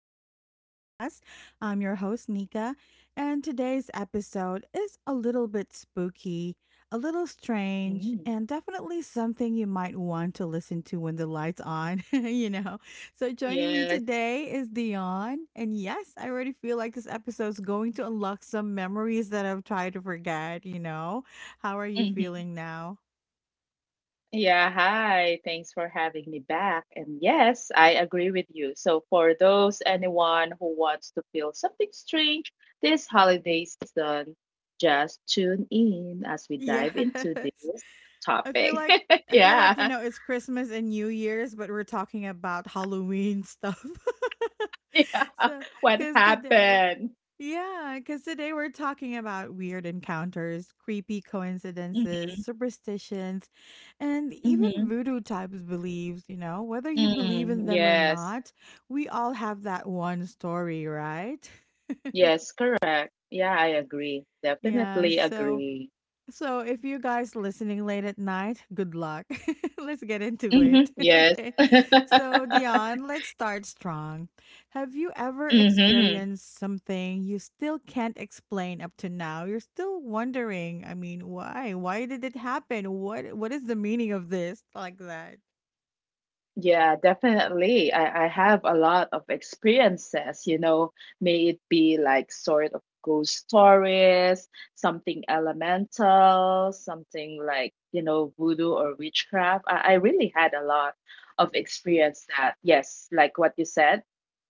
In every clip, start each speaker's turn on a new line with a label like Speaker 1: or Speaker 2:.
Speaker 1: back to the podcast. I'm your host, Nika, and today's episode is a little bit spooky, a little strange, and
Speaker 2: Mm,
Speaker 1: definitely something you might want to listen to when the light's on, you know. So, joining me
Speaker 2: yes.
Speaker 1: today is Dion. And yes, I already feel like this episode's going to unlock some memories that I've tried to forget, you know. How are you
Speaker 2: Mhm.
Speaker 1: feeling now?
Speaker 2: Yeah, hi. Thanks for having me back. And yes, I agree with you. So, for those anyone who wants to feel something strange this holiday season, just tune in as we
Speaker 1: Yes.
Speaker 2: dive into this
Speaker 1: I feel
Speaker 2: topic.
Speaker 1: like I feel like, you
Speaker 2: Yeah.
Speaker 1: know, it's Christmas and New Year's, but we're talking about Halloween stuff.
Speaker 2: Yeah.
Speaker 1: So,
Speaker 2: What
Speaker 1: because today
Speaker 2: happened?
Speaker 1: yeah, because today we're talking about weird encounters, creepy coincidences,
Speaker 2: Mm-hmm.
Speaker 1: superstitions, and even
Speaker 2: Mm-hmm.
Speaker 1: voodoo types beliefs, you know, whether you believe in
Speaker 2: Mm,
Speaker 1: them or
Speaker 2: yes.
Speaker 1: not, we all have that one story, right?
Speaker 2: Yes, correct. Yeah, I agree.
Speaker 1: Yeah,
Speaker 2: Definitely
Speaker 1: so
Speaker 2: agree.
Speaker 1: so if you guys listening late at night, good luck. Let's get into it.
Speaker 2: Mhm. Yes.
Speaker 1: Okay. So, Dion, let's start strong. Have you ever
Speaker 2: Mhm.
Speaker 1: experienced something you still can't explain up to now? You're still wondering, I mean, why? Why did it happen? What is the meaning of this? Like that.
Speaker 2: Yeah, definitely. I have a lot of experiences, may it be like sort of ghost stories, something elemental, something like, voodoo or witchcraft. I really had a lot of experience that, yes, like what you said,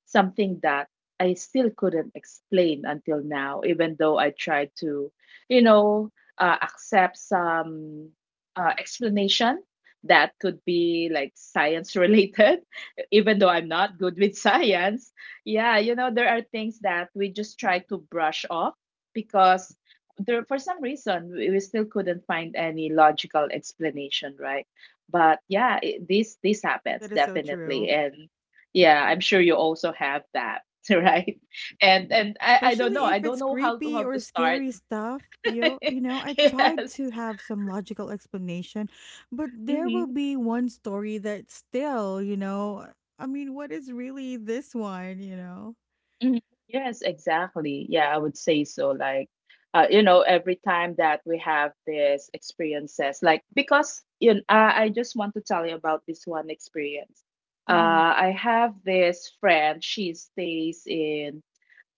Speaker 2: something that I still couldn't explain until now, even though I tried to, you know, accept some explanation that could be like science related. Even though I'm not good with science, yeah, you know there are things that we just try to brush off because, there, for some reason, we still couldn't find any logical explanation, right? But yeah, this happens,
Speaker 1: It is so
Speaker 2: definitely.
Speaker 1: true.
Speaker 2: And yeah, I'm sure you also have that. Right? And I don't know,
Speaker 1: Especially
Speaker 2: i
Speaker 1: if
Speaker 2: don't
Speaker 1: it's
Speaker 2: know how to
Speaker 1: creepy
Speaker 2: how
Speaker 1: or
Speaker 2: to start.
Speaker 1: scary stuff. You know, I tried
Speaker 2: Yes.
Speaker 1: to have some logical explanation, but there
Speaker 2: Mm-hmm.
Speaker 1: will be one story that still, you know, I mean, what is really this one, you know?
Speaker 2: Mhm. Yes, exactly. Yeah, I would say so. Like, every time that we have these experiences, like, because I just want to tell you about this one experience.
Speaker 1: Mm-hmm.
Speaker 2: I have this friend. She stays in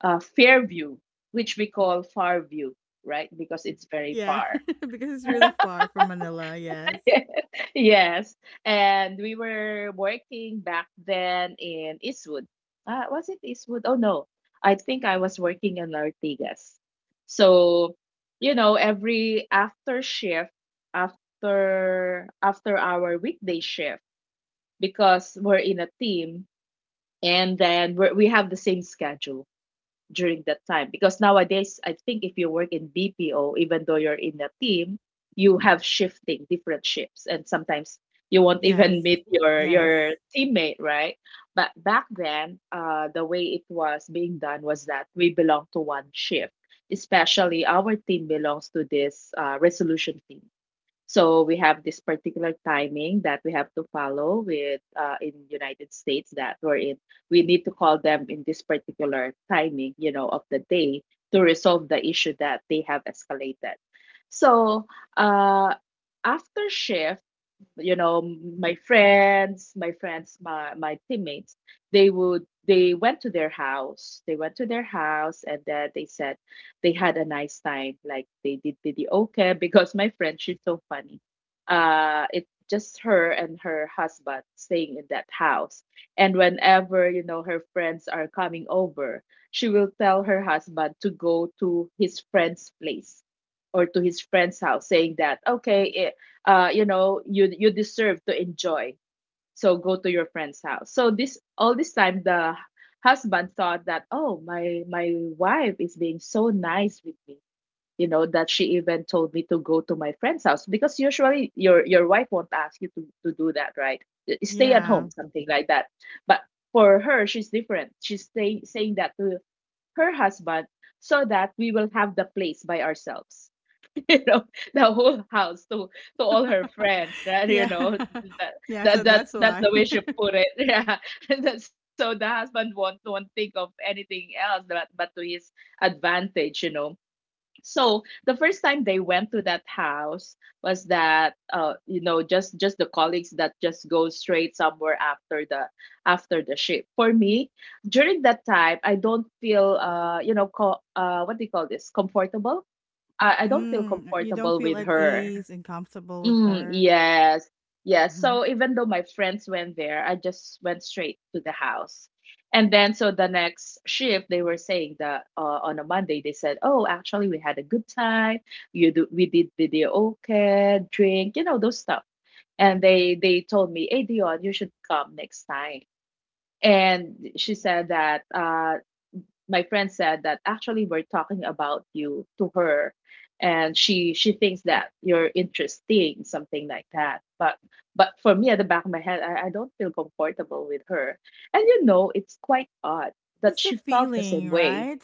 Speaker 2: Fairview, which we call Farview, right? Because it's very
Speaker 1: Yeah,
Speaker 2: far.
Speaker 1: because it's really far from Manila, yes.
Speaker 2: Yes. And we were working back then in Eastwood. Was it Eastwood? Oh, no. I think I was working in Ortigas. So, every after shift, after our weekday shift, because we're in a team and then we have the same schedule during that time. Because nowadays, I think if you work in BPO, even though you're in a team, you have shifting, different shifts, and sometimes you won't
Speaker 1: Yes,
Speaker 2: even meet your
Speaker 1: yes.
Speaker 2: your teammate, right? But back then, the way it was being done was that we belong to one shift. Especially our team belongs to this resolution team, so we have this particular timing that we have to follow with, in United States that we're in. We need to call them in this particular timing, of the day, to resolve the issue that they have escalated. So uh, after shift, my teammates, they went to their house they went to their house and then they said they had a nice time, like they did. Okay, because my friend, she's so funny. It's just her and her husband staying in that house, and whenever, her friends are coming over, she will tell her husband to go to his friend's place or to his friend's house, saying that, okay, you deserve to enjoy. So go to your friend's house. So this all this time, the husband thought that, oh, my wife is being so nice with me. You know that she even told me to go to my friend's house, because usually your wife won't ask you to do that, right? Stay at
Speaker 1: Yeah.
Speaker 2: home, something like that. But for her, she's different. Saying that to her husband so that we will have the place by ourselves, you know the whole house, to all her friends that you
Speaker 1: Yeah.
Speaker 2: know that,
Speaker 1: Yeah, so
Speaker 2: that
Speaker 1: that's
Speaker 2: that's that's
Speaker 1: why.
Speaker 2: the way she put it. Yeah. And then, so the husband won't think of anything else but to his advantage, you know. So the first time they went to that house was that, just the colleagues that just go straight somewhere after the, shift. For me, during that time, I don't feel, what do you call this, comfortable. I don't feel
Speaker 1: Mm, you don't
Speaker 2: comfortable
Speaker 1: feel
Speaker 2: with
Speaker 1: at
Speaker 2: her.
Speaker 1: ease and comfortable with
Speaker 2: Mm,
Speaker 1: her.
Speaker 2: yes. Yes.
Speaker 1: Mhm.
Speaker 2: So even though my friends went there, I just went straight to the house. And then, so the next shift, they were saying that, on a Monday, they said, "Oh, actually, we had a good time. We did videoke, drink, those stuff." And they told me, "Hey, Dion, you should come next time." And she said that my friend said that actually we're talking about you to her, and she thinks that you're interesting, something like that. But for me, at the back of my head, I don't feel comfortable with her. And it's quite odd that
Speaker 1: It's a
Speaker 2: she felt the same
Speaker 1: feeling,
Speaker 2: way.
Speaker 1: right?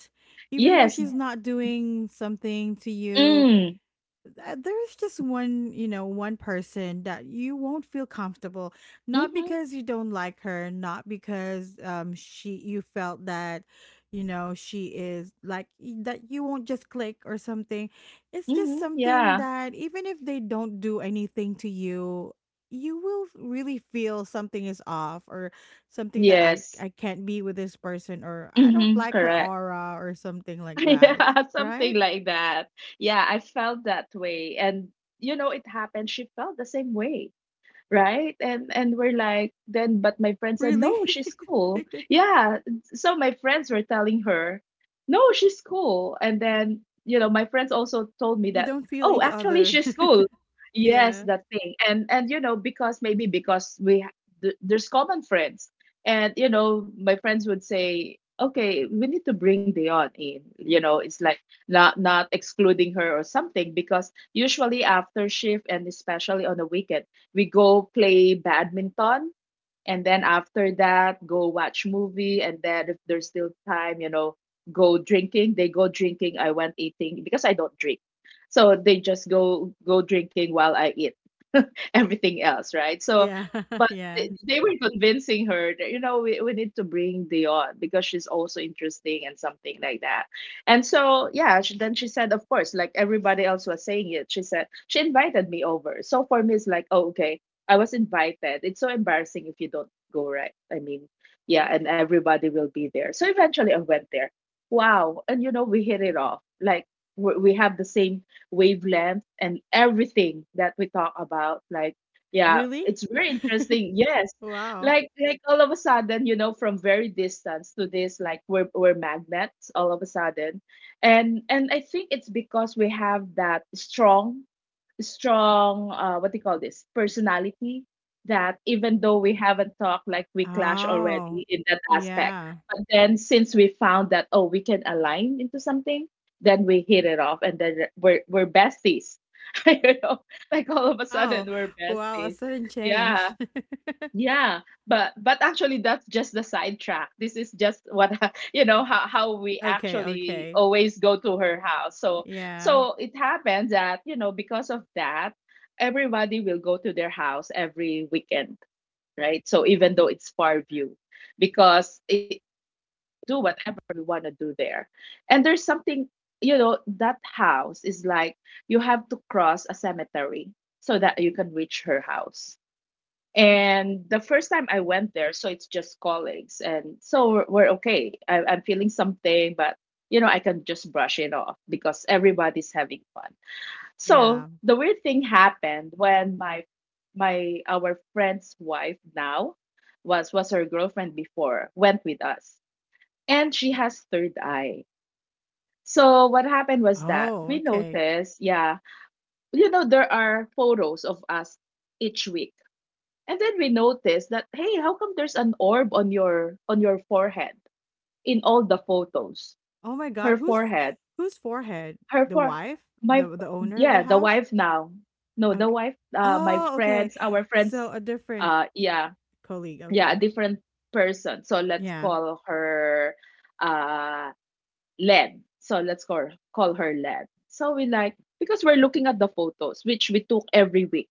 Speaker 1: Even though
Speaker 2: Yes.
Speaker 1: she's not doing something to you
Speaker 2: Mm.
Speaker 1: there's just one, you know, one person that you won't feel comfortable, not
Speaker 2: Mm-hmm.
Speaker 1: because you don't like her, not because she, you felt that, you know, she is like that you won't just click or something. It's just
Speaker 2: Mm-hmm.
Speaker 1: something
Speaker 2: Yeah.
Speaker 1: that even if they don't do anything to you, you will really feel something is off or something that i
Speaker 2: Yes.
Speaker 1: i can't be with this person, or I don't
Speaker 2: Mm-hmm.
Speaker 1: like her
Speaker 2: Correct.
Speaker 1: aura or something like that.
Speaker 2: Yeah, something
Speaker 1: Right.
Speaker 2: like that. Yeah, I felt that way, and it happened, she felt the same way, right? And we're like, then but my friend said,
Speaker 1: Really.
Speaker 2: no, she's cool. Yeah. So my friends were telling her, no, she's cool. And then, my friends also told me
Speaker 1: You
Speaker 2: that,
Speaker 1: don't feel
Speaker 2: oh,
Speaker 1: each
Speaker 2: actually,
Speaker 1: other.
Speaker 2: she's cool. Yes,
Speaker 1: Yeah.
Speaker 2: that thing. And because maybe because there's common friends. And my friends would say, okay, we need to bring Dion in, it's like not excluding her or something. Because usually after shift, and especially on the weekend, we go play badminton, and then after that, go watch movie, and then if there's still time, go drinking. They go drinking, I went eating because I don't drink. So they just go drinking while I eat. Everything else, right? So
Speaker 1: Yeah.
Speaker 2: but
Speaker 1: Yeah.
Speaker 2: they were convincing her that, we need to bring Dion because she's also interesting, and something like that. And so, yeah, then she said, of course, like everybody else was saying it, she said she invited me over. So for me, it's like, oh, okay, I was invited. It's so embarrassing if you don't go, right? I mean, yeah, and everybody will be there. So eventually I went there. Wow. And we hit it off. Like, we have the same wavelength and everything that we talk about. Like, yeah,
Speaker 1: Really?
Speaker 2: it's very interesting. Yes.
Speaker 1: Wow.
Speaker 2: Like all of a sudden, from very distance to this, like we're magnets all of a sudden. And I think it's because we have that strong what do you call this, personality, that even though we haven't talked, like we clash
Speaker 1: Oh.
Speaker 2: already in that aspect.
Speaker 1: Yeah.
Speaker 2: But then, since we found that, oh, we can align into something, then we hit it off, and then we're besties. you know like all of a
Speaker 1: Oh,
Speaker 2: sudden we're
Speaker 1: wow, a
Speaker 2: besties.
Speaker 1: sudden change.
Speaker 2: Yeah. Yeah, but actually that's just the sidetrack. This is just what, how we
Speaker 1: Okay,
Speaker 2: actually
Speaker 1: okay.
Speaker 2: always go to her house. So
Speaker 1: Yeah.
Speaker 2: so it happens that, because of that, everybody will go to their house every weekend, right? So even though it's far view, because it, do whatever we want to do there. And there's something, that house is like, you have to cross a cemetery so that you can reach her house. And the first time I went there, so it's just colleagues. And so we're okay. I'm feeling something, but I can just brush it off because everybody's having fun.
Speaker 1: Yeah.
Speaker 2: So the weird thing happened when my our friend's wife now, was her girlfriend before, went with us, and she has third eye. So what happened was that
Speaker 1: Oh,
Speaker 2: we
Speaker 1: okay.
Speaker 2: noticed, yeah, there are photos of us each week, and then we noticed that, hey, how come there's an orb on your forehead in all the photos?
Speaker 1: Oh my
Speaker 2: Her
Speaker 1: god, who's
Speaker 2: forehead,
Speaker 1: whose forehead?
Speaker 2: her
Speaker 1: The
Speaker 2: for
Speaker 1: wife?
Speaker 2: my,
Speaker 1: The owner of the
Speaker 2: yeah, the
Speaker 1: house?
Speaker 2: wife now. No, the
Speaker 1: Okay.
Speaker 2: wife,
Speaker 1: Oh, okay.
Speaker 2: our friends,
Speaker 1: So a different
Speaker 2: yeah,
Speaker 1: colleague.
Speaker 2: yeah, a
Speaker 1: Okay.
Speaker 2: different person. So let's
Speaker 1: Yeah.
Speaker 2: call her, uh Len. So let's call her Len. So we, like, because we're looking at the photos which we took every week.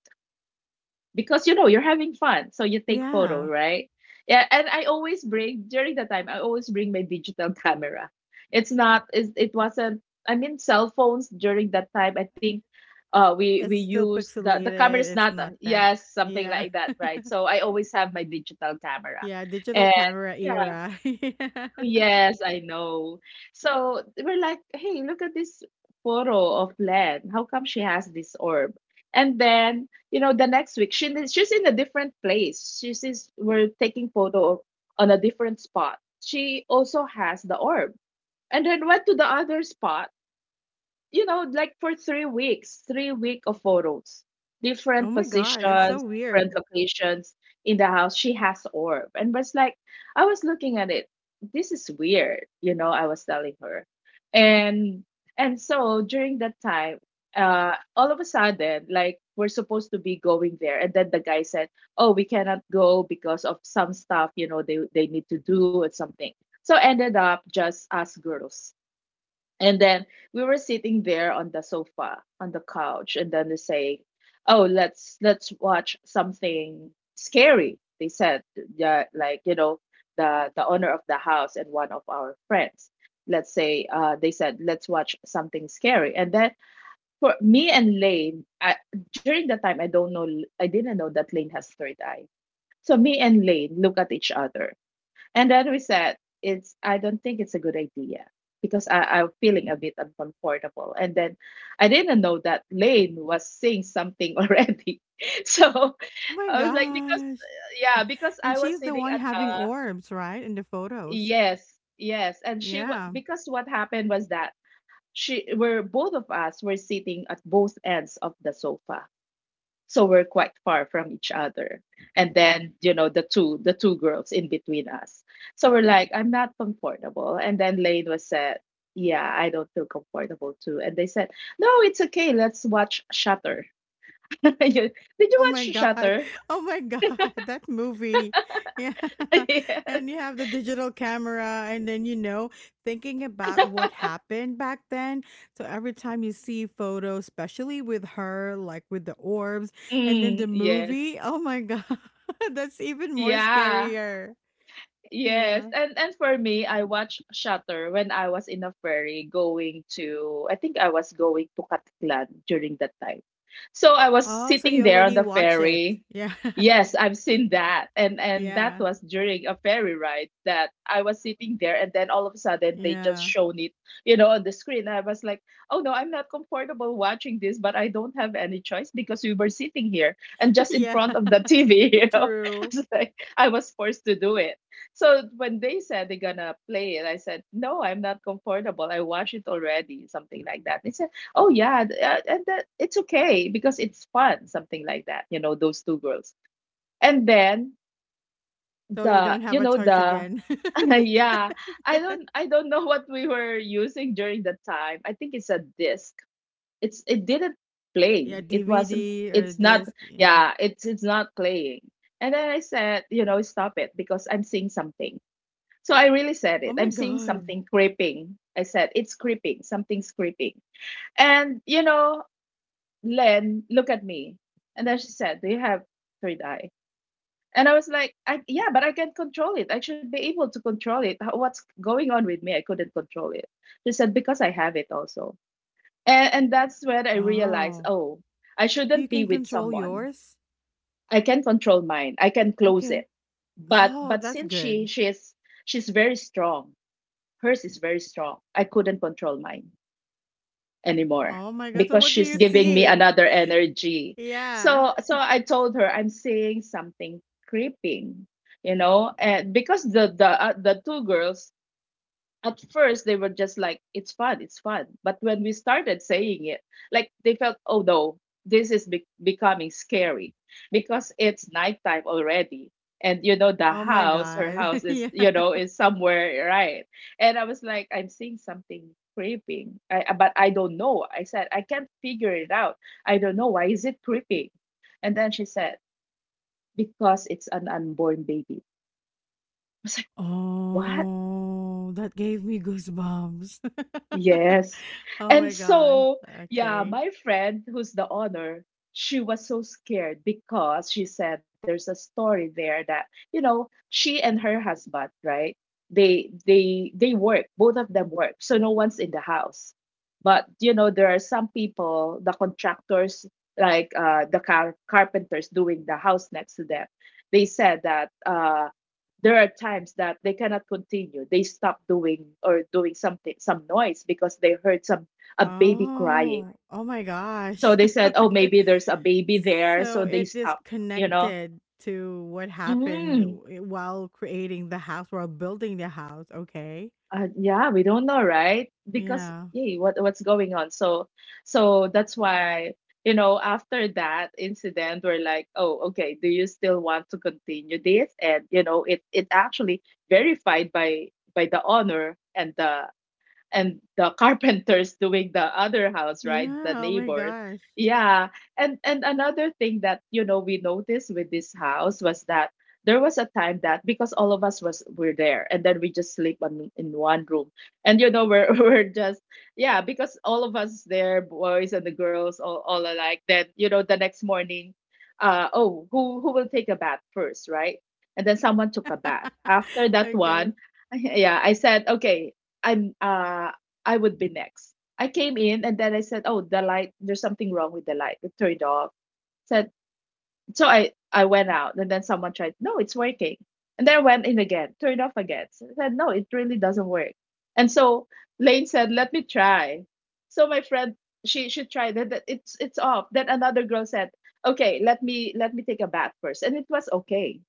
Speaker 2: Because you're having fun, so you take photo,
Speaker 1: Yeah.
Speaker 2: right? Yeah. And I always bring during the time, I always bring my digital camera. It's not, it's, it wasn't, I mean, cell phones during that time, I think we
Speaker 1: It's still
Speaker 2: use the camera
Speaker 1: pixelated.
Speaker 2: is
Speaker 1: It's
Speaker 2: not,
Speaker 1: not that.
Speaker 2: yes, something
Speaker 1: Yeah.
Speaker 2: like that, right? So I always have my digital camera,
Speaker 1: Yeah, digital
Speaker 2: and
Speaker 1: camera
Speaker 2: yeah.
Speaker 1: era. Yeah.
Speaker 2: Yes, I know. So we're like, hey, look at this photo of Len. How come she has this orb? And then, the next week, she is-, she's in a different place. She's is We're taking photo on a different spot. She also has the orb. And then went to the other spot, like for 3 weeks, 3 week of photos,
Speaker 1: Oh
Speaker 2: different
Speaker 1: my god, it's so
Speaker 2: positions, different
Speaker 1: weird.
Speaker 2: locations in the house. She has orb, and was like, I was looking at it. This is weird. I was telling her, and and so during that time, all of a sudden, like we're supposed to be going there, and then the guy said, "Oh, we cannot go because of some stuff. They need to do and something." So ended up just us girls, and then we were sitting there on the sofa, on the couch, and then they say, "Oh, let's watch something scary." They said, "Yeah, like the owner of the house and one of our friends." Let's say they said, "Let's watch something scary." And then for me and Lane, during that time, I don't know, I didn't know that Lane has third eye. So me and Lane look at each other, and that we said, it's I don't think it's a good idea because I'm feeling a bit uncomfortable. And then I didn't know that Lane was saying something already. So
Speaker 1: Oh my
Speaker 2: I was like, because
Speaker 1: gosh.
Speaker 2: yeah, because
Speaker 1: And
Speaker 2: I was
Speaker 1: she's the
Speaker 2: sitting
Speaker 1: one
Speaker 2: at.
Speaker 1: having orbs, right? In the photos.
Speaker 2: Yes, yes. And
Speaker 1: Yeah.
Speaker 2: because what happened was that she were both of us were sitting at both ends of the sofa, so we're quite far from each other. And then the two girls in between us, so we're like, I'm not comfortable. And then Lane was said, yeah, I don't feel comfortable too. And they said, no, it's okay, let's watch Shutter. Did
Speaker 1: Oh
Speaker 2: you watch
Speaker 1: my god.
Speaker 2: Shutter?
Speaker 1: Oh my god, that movie. Yeah. And you
Speaker 2: Yes.
Speaker 1: have the digital camera, and then, you know, thinking about what happened back then. So every time you see photos, especially with her, like with the orbs and then the
Speaker 2: Mm, yes.
Speaker 1: movie, oh my god, that's even more
Speaker 2: Yeah.
Speaker 1: scarier.
Speaker 2: Yes,
Speaker 1: Yeah.
Speaker 2: and for me, I watched Shutter when I was in a ferry going to, I think I was going to Catlan during that time. So I was
Speaker 1: Oh, so
Speaker 2: sitting
Speaker 1: you
Speaker 2: there on
Speaker 1: already
Speaker 2: the
Speaker 1: watch it.
Speaker 2: ferry.
Speaker 1: Yeah.
Speaker 2: Yes, I've seen that, and that
Speaker 1: Yeah.
Speaker 2: was during a ferry ride that I was sitting there, and then all of a sudden they just
Speaker 1: Yeah.
Speaker 2: shown it, you know, on the screen. I was like, oh no, I'm not comfortable watching this, but I don't have any choice because we were sitting here and just in
Speaker 1: Yeah,
Speaker 2: front of the TV, I
Speaker 1: true.
Speaker 2: was like, I was forced to do it. So when they said they're gonna play it, I said, "No, I'm not comfortable. I watched it already." Something like that. They said, "Oh yeah, and that it's okay because it's fun." Something like that. You know, those two girls. And then
Speaker 1: So you
Speaker 2: the,
Speaker 1: don't
Speaker 2: you
Speaker 1: have a
Speaker 2: know,
Speaker 1: choice
Speaker 2: the
Speaker 1: again.
Speaker 2: yeah, I don't know what we were using during the time. I think it's a disc. It didn't play.
Speaker 1: Yeah,
Speaker 2: It wasn't.
Speaker 1: DVD, the
Speaker 2: It's not.
Speaker 1: disc. Yeah.
Speaker 2: Yeah, it's not playing. And then I said, stop it because I'm seeing something, so I really said it.
Speaker 1: Oh
Speaker 2: I'm
Speaker 1: my
Speaker 2: seeing
Speaker 1: God.
Speaker 2: something creeping. I said, it's creeping. Something's creeping. And Len, look at me. And then she said, do you have third eye? And I was like, I, yeah, but I can't control it. I should be able to control it. How- What's going on with me? I couldn't control it. She said, because I have it also. And that's when I realized,
Speaker 1: Oh,
Speaker 2: oh, I
Speaker 1: you
Speaker 2: shouldn't be
Speaker 1: can
Speaker 2: with
Speaker 1: control
Speaker 2: someone.
Speaker 1: yours?
Speaker 2: I can control mine, I can close
Speaker 1: Okay.
Speaker 2: it. But
Speaker 1: Oh,
Speaker 2: but
Speaker 1: that's
Speaker 2: since she
Speaker 1: good.
Speaker 2: she's she's very strong, hers is very strong. I couldn't control mine anymore
Speaker 1: Oh my God. So
Speaker 2: because
Speaker 1: what do
Speaker 2: she's
Speaker 1: you
Speaker 2: giving me
Speaker 1: see?
Speaker 2: another energy.
Speaker 1: Yeah.
Speaker 2: So I told her I'm seeing something creeping, you know, and because the two girls at first they were just like it's fun, it's fun, but when we started saying it, like they felt oh no, this is becoming scary because it's nighttime already. And the
Speaker 1: Oh my
Speaker 2: house, her
Speaker 1: God.
Speaker 2: house is,
Speaker 1: Yeah.
Speaker 2: is somewhere, right. And I was like, I'm seeing something creeping. But I don't know, I said, I can't figure it out. I don't know why is it creeping. And then she said, because it's an unborn baby. I was like, what?
Speaker 1: Oh, that gave me goosebumps.
Speaker 2: Yes.
Speaker 1: Oh
Speaker 2: And
Speaker 1: my God.
Speaker 2: so, yeah,
Speaker 1: Okay.
Speaker 2: my friend who's the owner, she was so scared because she said there's a story there that, you know, she and her husband, right? They work, both of them work. So no one's in the house. But you know, there are some people, the contractors, like the carpenters doing the house next to them. They said that there are times that they cannot continue, they stop doing or doing something, some noise, because they heard some, a baby crying.
Speaker 1: Oh, oh my
Speaker 2: So
Speaker 1: gosh.
Speaker 2: they said, oh maybe there's a baby there,
Speaker 1: So
Speaker 2: so they
Speaker 1: it is
Speaker 2: stop you know
Speaker 1: connected to what happened
Speaker 2: mm,
Speaker 1: while creating the house, while building the house. Okay.
Speaker 2: yeah, we don't know, right? Because
Speaker 1: Yeah.
Speaker 2: hey, what's going on. So that's why after that incident we're like, oh okay, do you still want to continue this? And it actually verified by the owner and the carpenters doing the other house, right, the
Speaker 1: Yeah. Oh my
Speaker 2: neighbors.
Speaker 1: gosh.
Speaker 2: Yeah. And another thing that we noticed with this house was that there was a time that because all of us was were there, and then we just sleep in one room. And we're we're just, yeah, because all of us there, boys and the girls, all alike. Then the next morning, oh, who will take a bath first, right? And then someone took a bath after that one,
Speaker 1: Okay.
Speaker 2: yeah, I said okay. I'm uh I would be next. I came in and then I said, "Oh, the light. There's something wrong with the light. It turned off." Said so. I went out and then someone tried. No, it's working. And then I went in again, turned off again. So I said, "No, it really doesn't work." And so Lane said, "Let me try." So my friend, she tried it. That it's off. Then another girl said, "Okay, let me take a bath first." And it was okay.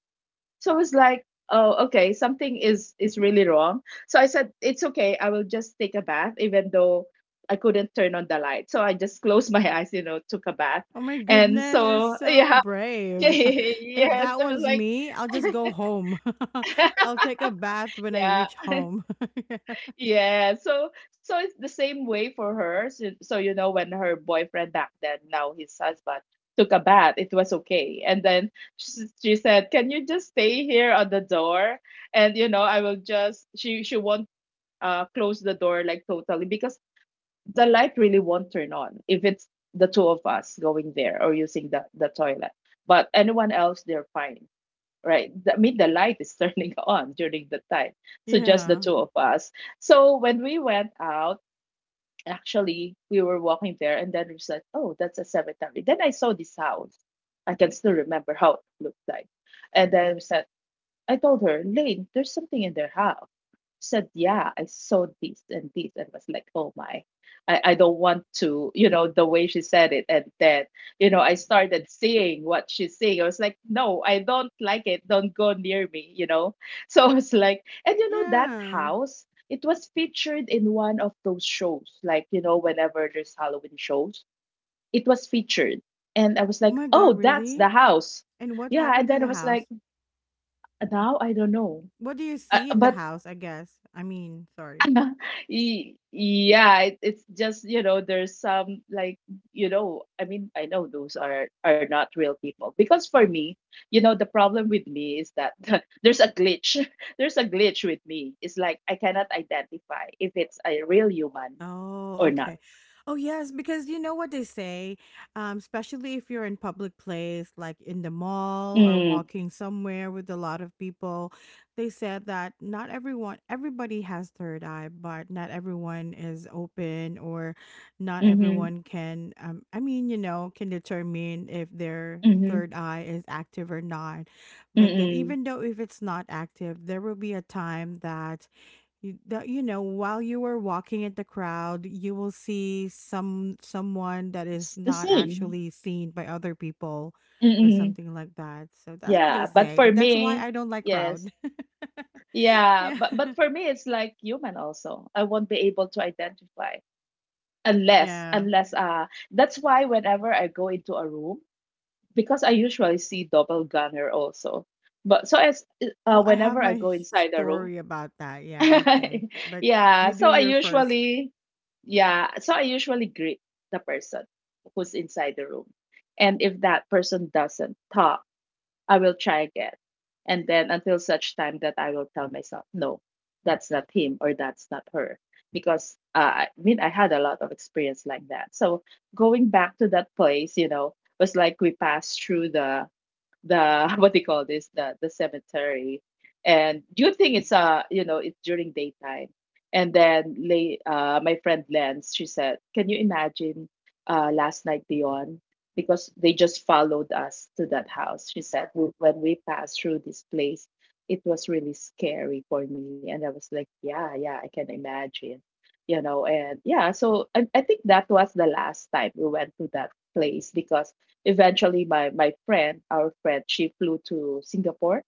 Speaker 2: So I was like, oh okay, something is really wrong. So I said, it's okay. I will just take a bath, even though I couldn't turn on the light. So I just closed my eyes, took a bath.
Speaker 1: Oh my
Speaker 2: And
Speaker 1: goodness. You're
Speaker 2: so
Speaker 1: so
Speaker 2: yeah,
Speaker 1: brave. If
Speaker 2: yes,
Speaker 1: that
Speaker 2: it was
Speaker 1: was
Speaker 2: like,
Speaker 1: me, I'll just go home. I'll take a bath when I
Speaker 2: yeah,
Speaker 1: reach home.
Speaker 2: yeah. So it's the same way for her. So, when her boyfriend back then, now his husband, took a bath, it was okay. And then she said, can you just stay here on the door? And I will just, she won't close the door like totally because the light really won't turn on if it's the two of us going there or using the toilet. But anyone else, they're fine, right? The- I mean, the light is turning on during the time. So just the
Speaker 1: Yeah.
Speaker 2: two of us. So when we went out, actually, we were walking there and then we said, oh, that's a cemetery. Then I saw this house. I can still remember how it looked like. And then we said, I told her, Lane, there's something in their house. She said, yeah, I saw this and this. And was like, oh my, I don't want to, you know, the way she said it. And then, I started seeing what she's seeing. I was like, no, I don't like it. Don't go near me, you know? So I was like, and that
Speaker 1: Yeah.
Speaker 2: house, it was featured in one of those shows, like, you know, whenever there's Halloween shows, it was featured. And I was
Speaker 1: Oh
Speaker 2: like,
Speaker 1: my God.
Speaker 2: oh, that's the
Speaker 1: Really?
Speaker 2: house.
Speaker 1: And what
Speaker 2: Yeah. And
Speaker 1: happened to
Speaker 2: then I
Speaker 1: the
Speaker 2: was like,
Speaker 1: house?
Speaker 2: now I don't know.
Speaker 1: What do you see in the
Speaker 2: But
Speaker 1: house? I guess. I mean, sorry.
Speaker 2: yeah, it's just, there's some, like, I mean, I know those are not real people. Because for me, the problem with me is that there's a glitch there's a glitch with me. It's like I cannot identify if it's a real human
Speaker 1: Oh,
Speaker 2: or not.
Speaker 1: okay. Oh, yes, because you know what they say, especially if you're in public place, like in the mall or
Speaker 2: Mm,
Speaker 1: walking somewhere with a lot of people, they said that not everyone, everybody has third eye, but not everyone is open or not
Speaker 2: mm-hmm,
Speaker 1: everyone can, I mean, you know, can determine if their
Speaker 2: mm-hmm,
Speaker 1: third eye is active or not. But then
Speaker 2: mm-hmm.
Speaker 1: even though if it's not active, there will be a time that that you know while you were walking in the crowd you will see some someone that
Speaker 2: It's
Speaker 1: is
Speaker 2: the
Speaker 1: not
Speaker 2: same.
Speaker 1: actually seen by other people or
Speaker 2: Mm-hmm.
Speaker 1: something like that, so that's what
Speaker 2: Yeah,
Speaker 1: they
Speaker 2: but
Speaker 1: say,
Speaker 2: for
Speaker 1: and that's why
Speaker 2: me,
Speaker 1: I don't like crowd.
Speaker 2: yes. Yeah,
Speaker 1: Yeah.
Speaker 2: but for me it's like human also. I won't be able to identify unless
Speaker 1: Yeah.
Speaker 2: unless that's why whenever I go into a room, because I usually see double gunner also. But so as
Speaker 1: Oh, I have
Speaker 2: whenever I
Speaker 1: my
Speaker 2: go inside a room,
Speaker 1: story about that. Yeah. Okay. But
Speaker 2: yeah,
Speaker 1: you
Speaker 2: so
Speaker 1: do
Speaker 2: I
Speaker 1: your first.
Speaker 2: usually greet the person who's inside the room. And if that person doesn't talk, I will try again. And then until such time that I will tell myself, no, that's not him or that's not her. Because I mean, I had a lot of experience like that. So going back to that place, you know, was like we passed through the what do you call this the cemetery. And do you think it's you know it's during daytime? And then lay my friend Lens, she said, "Can you imagine last night beyond, because they just followed us to that house?" She said, "W- when we passed through this place, it was really scary for me." And I was like, "Yeah, yeah, I can imagine, you know." And yeah, so I think that was the last time we went to that place because eventually my friend, our friend, she flew to Singapore.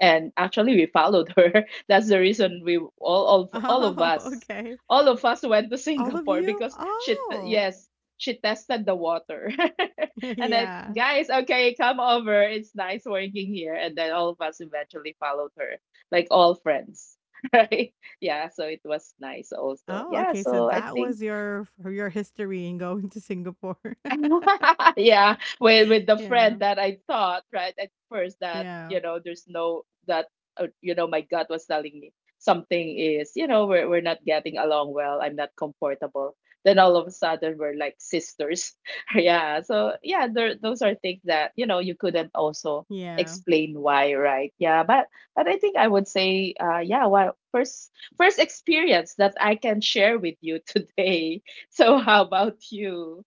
Speaker 2: And actually we followed her. That's the reason we
Speaker 1: Oh, okay.
Speaker 2: all of us went to
Speaker 1: All of
Speaker 2: Singapore,
Speaker 1: you.
Speaker 2: because
Speaker 1: Oh.
Speaker 2: yes, she tested the water. And then,
Speaker 1: Yeah.
Speaker 2: "Guys, okay, come over, it's nice working here." And then all of us eventually followed her, like all friends. Right, yeah, so it was nice also.
Speaker 1: Oh,
Speaker 2: Yeah,
Speaker 1: okay, so
Speaker 2: so I
Speaker 1: that
Speaker 2: think
Speaker 1: was your history in going to Singapore.
Speaker 2: yeah, with the
Speaker 1: Yeah.
Speaker 2: friend that I thought right at first that
Speaker 1: Yeah.
Speaker 2: you know there's no, that you know, my gut was telling me something is, you know, we're not getting along well. I'm not comfortable. Then all of a sudden we're like sisters. Yeah. So yeah, there, those are things that you know you couldn't also
Speaker 1: Yeah.
Speaker 2: explain why, right? Yeah, but I think I would say, yeah, well, first experience that I can share with you today. So how about you?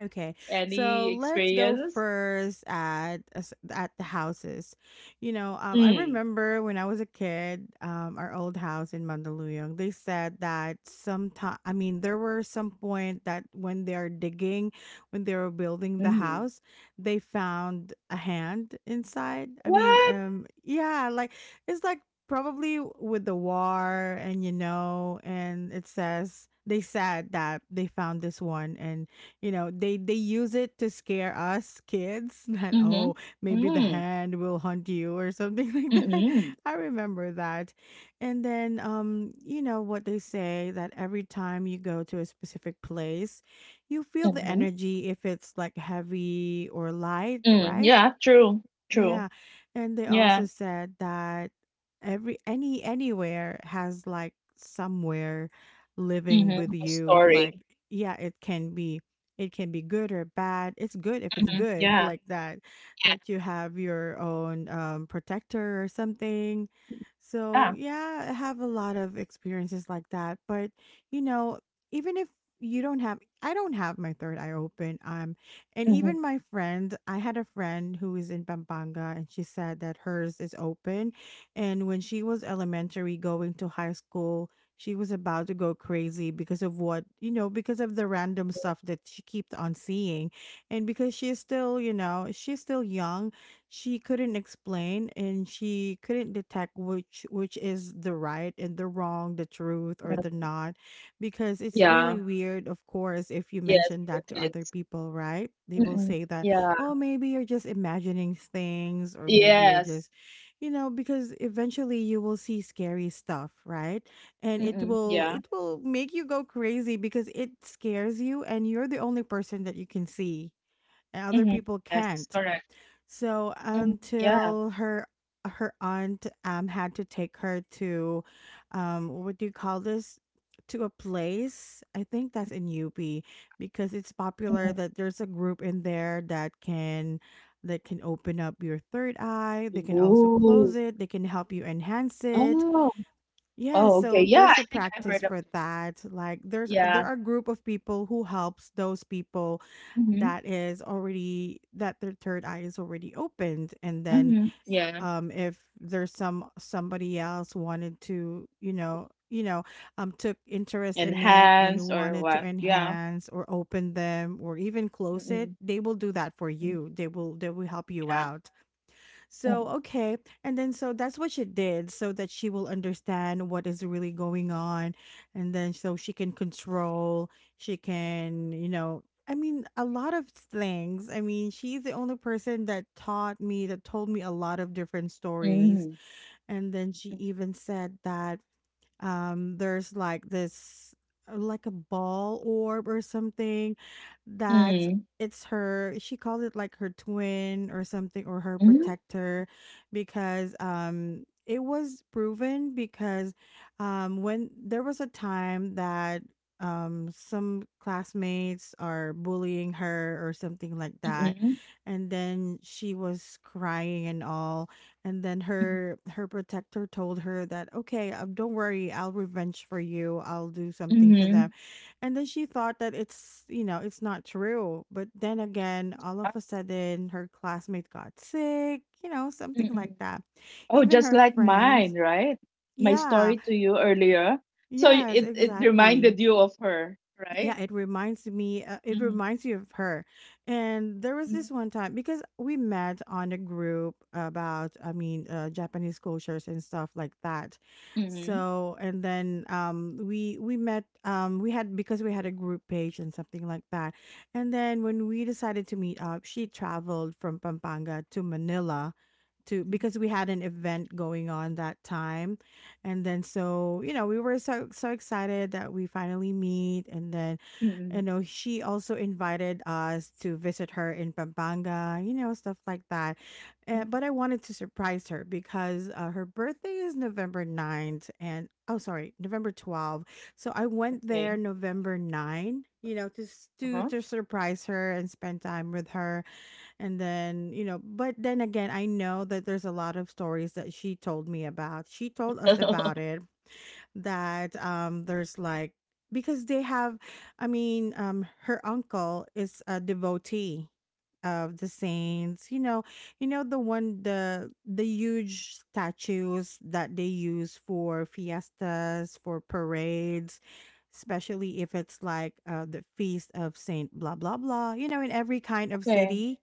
Speaker 1: Okay. So
Speaker 2: Any
Speaker 1: let's go
Speaker 2: experience?
Speaker 1: first at at the houses. You know, I
Speaker 2: Mm,
Speaker 1: remember when I was a kid, our old house in Mandaluyong, they said that sometime, I mean, there were some point that when they are digging, when they were building the
Speaker 2: mhm.
Speaker 1: house, they found a hand inside. I mean,
Speaker 2: What?
Speaker 1: yeah, like it's like probably with the war, and you know, and it says they said that they found this one, and you know they use it to scare us kids that
Speaker 2: Mhm.
Speaker 1: oh maybe the
Speaker 2: Mm,
Speaker 1: hand will hunt you or something like that.
Speaker 2: mhm,
Speaker 1: I remember that. And then you know what they say that every time you go to a specific place, you feel the
Speaker 2: mhm,
Speaker 1: energy if it's like heavy or light,
Speaker 2: mm,
Speaker 1: right?
Speaker 2: yeah, true, true.
Speaker 1: Yeah, and they
Speaker 2: Yeah,
Speaker 1: also said that every any anywhere has like somewhere living
Speaker 2: mhm,
Speaker 1: with
Speaker 2: a
Speaker 1: you.
Speaker 2: story.
Speaker 1: Like, yeah, it can be good or bad. It's good if it's
Speaker 2: Mhm,
Speaker 1: good,
Speaker 2: yeah,
Speaker 1: like that, that you have your own protector or something.
Speaker 2: yeah.
Speaker 1: So yeah, I have a lot of experiences like that. But you know, even if you don't have, I don't have my third eye open. And
Speaker 2: Mhm,
Speaker 1: even my friend, I had a friend who is in Pampanga and she said that hers is open. And when she was elementary going to high school, she was about to go crazy because of what, you know, because of the random stuff that she kept on seeing. And because she's still, you know, she's still young, she couldn't explain, and she couldn't detect which is the right and the wrong, the truth or the
Speaker 2: mhm.
Speaker 1: not, because it's
Speaker 2: Yeah,
Speaker 1: really weird, of course, if you
Speaker 2: yes,
Speaker 1: mention
Speaker 2: for
Speaker 1: that to other
Speaker 2: kids.
Speaker 1: people, right? They will
Speaker 2: Mm-mm.
Speaker 1: say that,
Speaker 2: Yeah,
Speaker 1: oh, maybe you're just imagining things, or maybe you're
Speaker 2: yes.
Speaker 1: just, you know, because eventually you will see scary stuff, right? And it
Speaker 2: Mm-mm.
Speaker 1: will
Speaker 2: Yeah.
Speaker 1: it will make you go crazy because it scares you and you're the only person that you can see and other
Speaker 2: Mm-hmm.
Speaker 1: people
Speaker 2: Yes,
Speaker 1: can't.
Speaker 2: correct.
Speaker 1: So
Speaker 2: Mm-hmm. Yeah.
Speaker 1: until her her aunt had to take her to what do you call this? To a place. I think that's in UP because it's
Speaker 2: Mm-hmm.
Speaker 1: popular that there's a group in there that can open up your third eye. They can also close
Speaker 2: Ooh.
Speaker 1: it. They can help you enhance it.
Speaker 2: Oh.
Speaker 1: Yeah,
Speaker 2: Oh,
Speaker 1: so
Speaker 2: okay. Yeah, I
Speaker 1: there's a
Speaker 2: think I've
Speaker 1: practice
Speaker 2: heard of.
Speaker 1: for that. Like there
Speaker 2: Yeah.
Speaker 1: are a group of people who helps those people
Speaker 2: Mm-hmm.
Speaker 1: that is already that their third eye is already opened, and then
Speaker 2: Mm-hmm. Yeah.
Speaker 1: if there's some somebody else wanted to, you know, took interest in it and
Speaker 2: Enhance or
Speaker 1: wanted to
Speaker 2: what? Yeah.
Speaker 1: enhance or open them or even close it,
Speaker 2: Mm-mm.
Speaker 1: they will do that for you. They will help you
Speaker 2: Yeah.
Speaker 1: out. So,
Speaker 2: Mm.
Speaker 1: okay. And then, so that's what she did so that she will understand what is really going on. And then, so she can control, she can, you know, I mean, a lot of things. I mean, she's the only person that taught me, that told me a lot of different stories.
Speaker 2: Mhm.
Speaker 1: And then she even said that there's like this like a ball orb or something that
Speaker 2: Mm.
Speaker 1: it's her, she called it like her twin or something, or her
Speaker 2: Mhm.
Speaker 1: protector, because it was proven because when there was a time that some classmates are bullying her or something like that,
Speaker 2: Mm-mm.
Speaker 1: and then she was crying and all, and then
Speaker 2: Mhm.
Speaker 1: her her protector told her that, "Okay, don't worry, I'll revenge for you. I'll do something to them."
Speaker 2: Mhm.
Speaker 1: And then she thought that it's, you know, it's not true. But then again, all of
Speaker 2: Ah,
Speaker 1: a sudden, her classmate got sick, you know, something like
Speaker 2: mm-mm.
Speaker 1: that.
Speaker 2: Oh,
Speaker 1: Even
Speaker 2: just
Speaker 1: her
Speaker 2: like
Speaker 1: friends.
Speaker 2: mine, right? My
Speaker 1: Yeah.
Speaker 2: story to you earlier. So
Speaker 1: Yes,
Speaker 2: it
Speaker 1: exactly.
Speaker 2: reminded you of her, right?
Speaker 1: Yeah, it reminds me. It
Speaker 2: Mm-hmm.
Speaker 1: reminds you of her, and there was this one time because we met on a group about, I mean, Japanese cultures and stuff like that.
Speaker 2: Mm-hmm.
Speaker 1: So, and then we met. We had because we had a group page and something like that. And then when we decided to meet up, she traveled from Pampanga to Manila, to because we had an event going on that time. And then we were so excited that we finally meet, and then
Speaker 2: Mm-hmm.
Speaker 1: she also invited us to visit her in Pampanga, stuff like that.
Speaker 2: Mm-hmm.
Speaker 1: But I wanted to surprise her because her birthday is November 9th, and, oh, sorry, November 12th. So I went there
Speaker 2: Okay.
Speaker 1: November 9, to,
Speaker 2: Uh-huh.
Speaker 1: to surprise her and spend time with her. And then, but then again, I know that there's a lot of stories that she told me about. She told us about it that there's like, because they have, I mean, her uncle is a devotee of the saints, you know, you know, the one, the huge statues that they use for fiestas, for parades, especially if it's like the feast of Saint blah blah blah, you know, in every kind of
Speaker 2: Okay.
Speaker 1: city.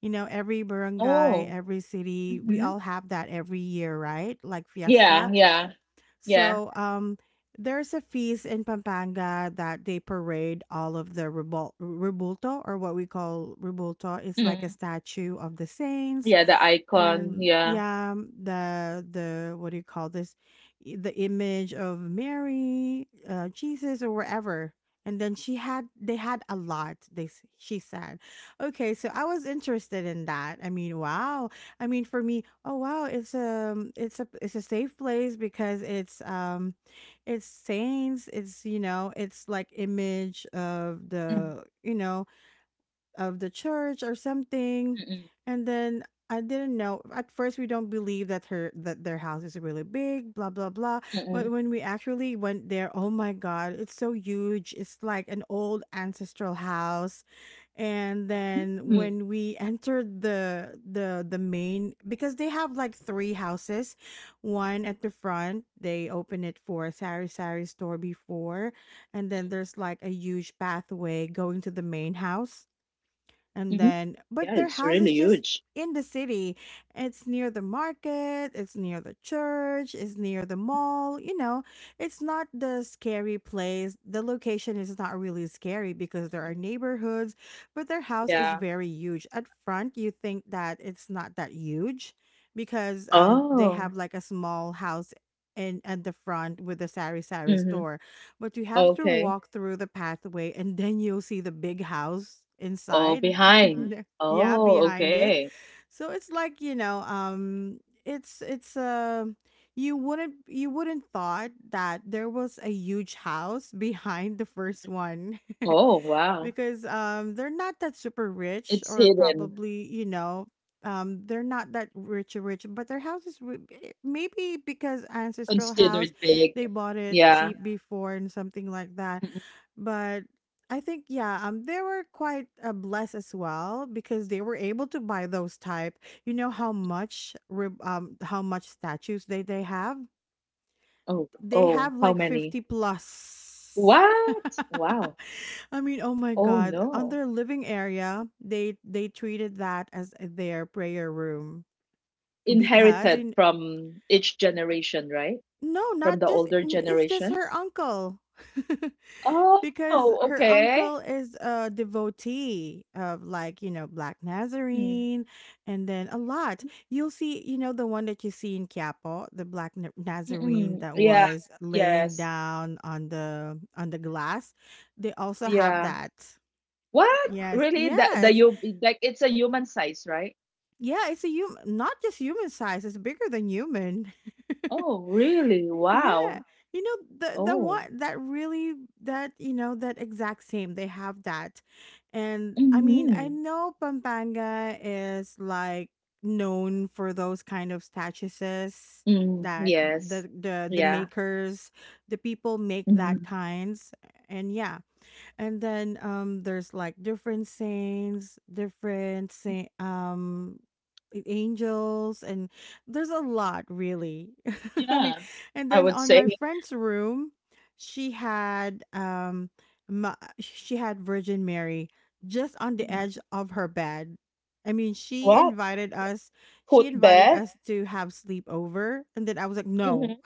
Speaker 1: You know, every barangay,
Speaker 2: Oh.
Speaker 1: every city, we
Speaker 2: Mm-hmm.
Speaker 1: all have that every year, right? Like
Speaker 2: Yeah,
Speaker 1: fiesta.
Speaker 2: yeah, yeah.
Speaker 1: So there's a feast in Pampanga that they parade all of the ribulto, or what we call ribulto. It's like a
Speaker 2: Mm.
Speaker 1: statue of the saints.
Speaker 2: Yeah, the icon.
Speaker 1: And
Speaker 2: Yeah.
Speaker 1: yeah, the what do you call this? The image of Mary, Jesus, or wherever. And then she had they had a lot. She said, okay. So I was interested in that. I mean, wow. I mean, for me, oh wow, it's a safe place because it's saints. It's, you know, it's like image of the, you know, of the church or something. And then I didn't know. At first, we don't believe that her that their house is really big, blah blah blah.
Speaker 2: Mm-mm.
Speaker 1: But when we actually went there, oh my god, it's so huge. It's like an old ancestral house. And then
Speaker 2: Mm,
Speaker 1: when we entered the main, because they have like three houses. One at the front, they open it for Sari Sari store before, and then there's like a huge pathway going to the main house, and
Speaker 2: mhm.
Speaker 1: then, but
Speaker 2: Yeah,
Speaker 1: their
Speaker 2: it's
Speaker 1: house
Speaker 2: really
Speaker 1: is just
Speaker 2: huge.
Speaker 1: in the city. It's near the market, it's near the church, it's near the mall. You know, it's not the scary place. The location is not really scary because there are
Speaker 2: Mm,
Speaker 1: neighborhoods, but their house is
Speaker 2: yeah.
Speaker 1: very huge. At front, you think that it's not that huge because they
Speaker 2: Oh.
Speaker 1: have like a small house. In, at the front with the sari sari
Speaker 2: Mm-hmm.
Speaker 1: store, but you have to
Speaker 2: Okay.
Speaker 1: walk through the pathway and then you'll see the big house
Speaker 2: Oh,
Speaker 1: inside.
Speaker 2: behind.
Speaker 1: Yeah yeah,
Speaker 2: Oh,
Speaker 1: behind it.
Speaker 2: okay.
Speaker 1: So it's like, you know, it's you wouldn't thought that there was a huge house behind the first one
Speaker 2: Oh, wow.
Speaker 1: because they're not that super rich,
Speaker 2: It's
Speaker 1: or
Speaker 2: hidden,
Speaker 1: probably, you know, they're not that rich rich, but their house is eh, maybe because ancestral house,
Speaker 2: considered big.
Speaker 1: they bought it
Speaker 2: Yeah.
Speaker 1: cheap before and something like that.
Speaker 2: Mm-mm.
Speaker 1: But I think yeah, they were quite blessed as well because they were able to buy those type. You know how much how much statues they have.
Speaker 2: Oh,
Speaker 1: They
Speaker 2: oh,
Speaker 1: have
Speaker 2: how
Speaker 1: like
Speaker 2: many?
Speaker 1: 50 plus.
Speaker 2: What? Wow.
Speaker 1: I mean, oh my
Speaker 2: Oh,
Speaker 1: God. On
Speaker 2: no.
Speaker 1: their living area, they treated that as their prayer room because
Speaker 2: Inherited
Speaker 1: in,
Speaker 2: from each generation, right?
Speaker 1: no,
Speaker 2: From
Speaker 1: not
Speaker 2: the
Speaker 1: just,
Speaker 2: older
Speaker 1: it's just her
Speaker 2: generations.
Speaker 1: uncle.
Speaker 2: Oh,
Speaker 1: Because her
Speaker 2: okay.
Speaker 1: uncle is a devotee of, like, you know, Black
Speaker 2: Mm.
Speaker 1: Nazarene and then a lot. You'll see, you know, the one that you see in Quiapo, the Nazarene
Speaker 2: Mm-mm.
Speaker 1: that
Speaker 2: Yeah.
Speaker 1: was laying
Speaker 2: Yes.
Speaker 1: down on the glass. They also have
Speaker 2: Yeah.
Speaker 1: that.
Speaker 2: What?
Speaker 1: Yes,
Speaker 2: Really? The
Speaker 1: yes.
Speaker 2: you like it's a human size, right?
Speaker 1: Yeah, it's a human, not just human size, it's bigger than human.
Speaker 2: Oh, really?
Speaker 1: Yeah.
Speaker 2: Wow.
Speaker 1: You know, the
Speaker 2: Oh.
Speaker 1: one that really, that, you know, that exact same, they have that. And I mean, I
Speaker 2: Mm-hmm.
Speaker 1: know Pampanga is like known for those kind of statues
Speaker 2: Mm,
Speaker 1: that the,
Speaker 2: yes.
Speaker 1: the
Speaker 2: Yeah.
Speaker 1: makers, the people make that
Speaker 2: Mhm.
Speaker 1: kinds. And yeah, and then there's like different saints, different saint, angels, and there's a lot really. I mean,
Speaker 2: Yeah.
Speaker 1: and
Speaker 2: I
Speaker 1: then
Speaker 2: would
Speaker 1: on
Speaker 2: say.
Speaker 1: my friend's room she had she had Virgin Mary just on the edge
Speaker 2: Mhm.
Speaker 1: of her bed. I mean,
Speaker 2: What?
Speaker 1: us she
Speaker 2: Foot
Speaker 1: invited
Speaker 2: bed?
Speaker 1: us to have sleepover and then I was like, no,
Speaker 2: Mm-hmm.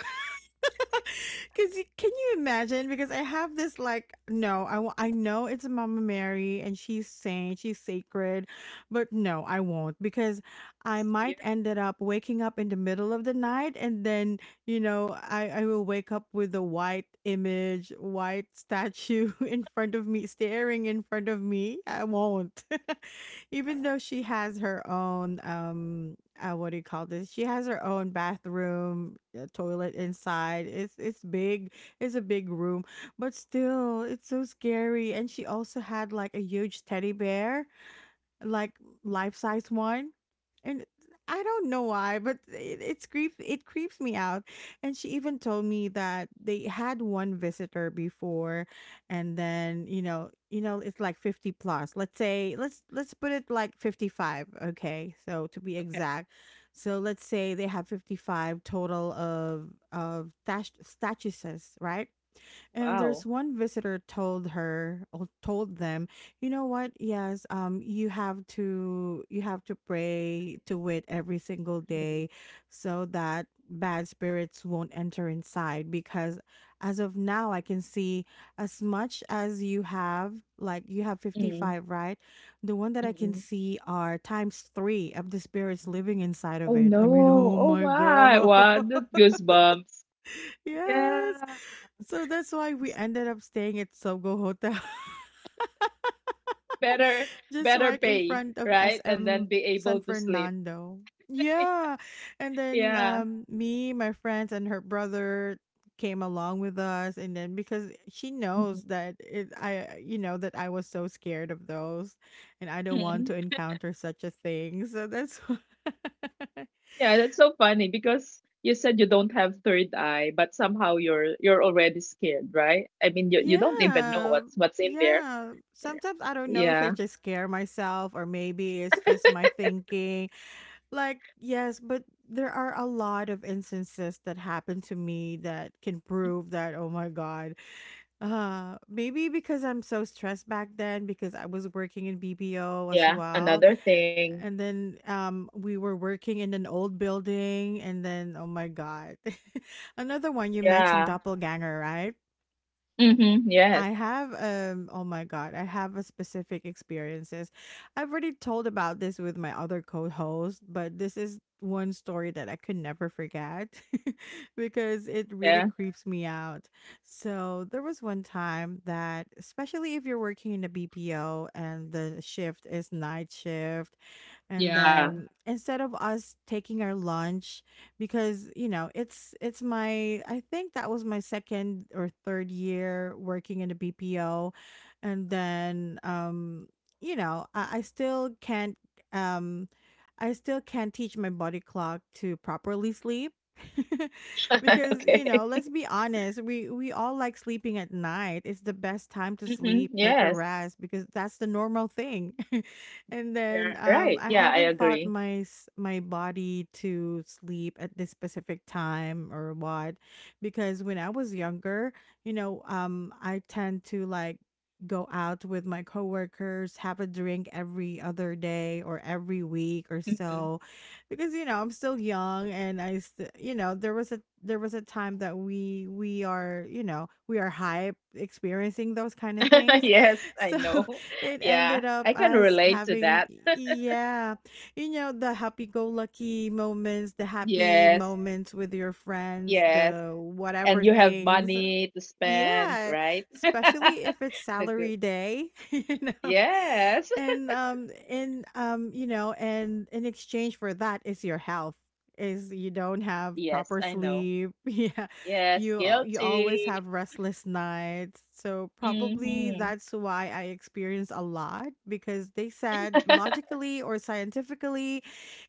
Speaker 1: because can you imagine? Because I have this like, no, I know it's Mama Mary and she's saint, she's sacred, but no, I won't because I
Speaker 2: It's
Speaker 1: might
Speaker 2: weird.
Speaker 1: ended up waking up in the middle of the night and then, you know, I will wake up with a white image, white statue in front of me, staring in front of me. I won't, even though she has her own what do you call this? She has her own bathroom, a toilet inside. It's big. It's a big room, but still, it's so scary. And she also had like a huge teddy bear, like life size one, and I don't know why, but it creeps me out. And she even told me that they had one visitor before, and then, you know, you know it's like 50 plus. Let's say let's put it like 55. Okay, so to be
Speaker 2: Okay.
Speaker 1: exact. So let's say they have 55 total of statues, right? And
Speaker 2: Wow.
Speaker 1: there's one visitor told her, or told them, you know what? Yes, you have to pray to it every single
Speaker 2: Mm,
Speaker 1: day, so that bad spirits won't enter inside. Because as of now, I can see, as much as you have, like you have
Speaker 2: mm,
Speaker 1: 55, right? The one that I can
Speaker 2: mm.
Speaker 1: see are times three of the spirits living inside of
Speaker 2: Oh
Speaker 1: it. I mean,
Speaker 2: no.
Speaker 1: oh
Speaker 2: Oh
Speaker 1: my
Speaker 2: why?
Speaker 1: god.
Speaker 2: Wow. That goosebumps.
Speaker 1: Yes.
Speaker 2: Yeah.
Speaker 1: So that's why we
Speaker 2: It's
Speaker 1: ended up staying at Sogo Hotel,
Speaker 2: better
Speaker 1: just
Speaker 2: better
Speaker 1: right in
Speaker 2: pay,
Speaker 1: front of
Speaker 2: right? And then
Speaker 1: SM
Speaker 2: be
Speaker 1: San
Speaker 2: able to sleep.
Speaker 1: Fernando. Yeah. And then
Speaker 2: Yeah.
Speaker 1: me, my friends and her brother came along with us, and then because she knows that, I, you know, that I was so scared of those and I don't want
Speaker 2: Mhm.
Speaker 1: to encounter such a thing. So that's why.
Speaker 2: Yeah, that's so funny because you said you don't have third eye, but somehow you're already scared, right? I mean, you don't even know
Speaker 1: Yeah.
Speaker 2: what's in there.
Speaker 1: Yeah. Sometimes I don't know if I
Speaker 2: Yeah,
Speaker 1: just scare myself, or maybe it's just my thinking. Like, yes, but there are a lot of instances that happen to me that can prove that, oh my God. Maybe because I'm so stressed back then because I was working in BPO as
Speaker 2: yeah.
Speaker 1: well.
Speaker 2: Another thing.
Speaker 1: And then we were working in an old building and then, oh my God. Another one you mentioned,
Speaker 2: Yeah.
Speaker 1: doppelganger, right?
Speaker 2: Mm-hmm. Yes.
Speaker 1: I have oh my god, I have a specific experiences. I've already told about this with my other co-host, but this is one story that I could never forget because it really
Speaker 2: Yeah.
Speaker 1: creeps me out. So, there was one time that, especially if you're working in a BPO and the shift is night shift, and
Speaker 2: Yeah.
Speaker 1: then instead of us taking our lunch, because you know it's my I think that was my second or third year working in a BPO, and then you know, I still can't um I still can't teach my body clock to properly sleep. Because you
Speaker 2: Okay.
Speaker 1: know, let's be honest, we all like sleeping at night. It's the best time to
Speaker 2: Mm-hmm.
Speaker 1: sleep, take a
Speaker 2: Yes.
Speaker 1: rest, because that's the normal thing. And
Speaker 2: Yeah,
Speaker 1: then
Speaker 2: right.
Speaker 1: I
Speaker 2: Yeah, I
Speaker 1: haven't taught
Speaker 2: agree.
Speaker 1: my my body to sleep at this specific time or what, because when I was younger, you know, I tend to like go out with my coworkers, have a drink every other day or every week or
Speaker 2: Hmm.
Speaker 1: so, because you know, I'm still young and, you know, there was a time that we are, you know, we are hype experiencing those kind of things.
Speaker 2: Yes, I know.
Speaker 1: It
Speaker 2: Yeah,
Speaker 1: ended up
Speaker 2: I can
Speaker 1: as
Speaker 2: relate to
Speaker 1: having,
Speaker 2: that.
Speaker 1: yeah, you know, the happy-go-lucky moments, the happy
Speaker 2: Yes.
Speaker 1: moments with your friends,
Speaker 2: Yes.
Speaker 1: the
Speaker 2: And
Speaker 1: whatever
Speaker 2: you have
Speaker 1: things.
Speaker 2: money to spend,
Speaker 1: Yeah,
Speaker 2: right?
Speaker 1: especially if it's
Speaker 2: The good.
Speaker 1: salary day. You know,
Speaker 2: Yes.
Speaker 1: and you know, and in exchange for that is your health, is you don't have
Speaker 2: Yes,
Speaker 1: proper
Speaker 2: I know.
Speaker 1: sleep. Yeah,
Speaker 2: Yes,
Speaker 1: you always
Speaker 2: guilty.
Speaker 1: have restless nights, so probably
Speaker 2: Mm-hmm.
Speaker 1: that's why I experience a lot, because they said logically or scientifically,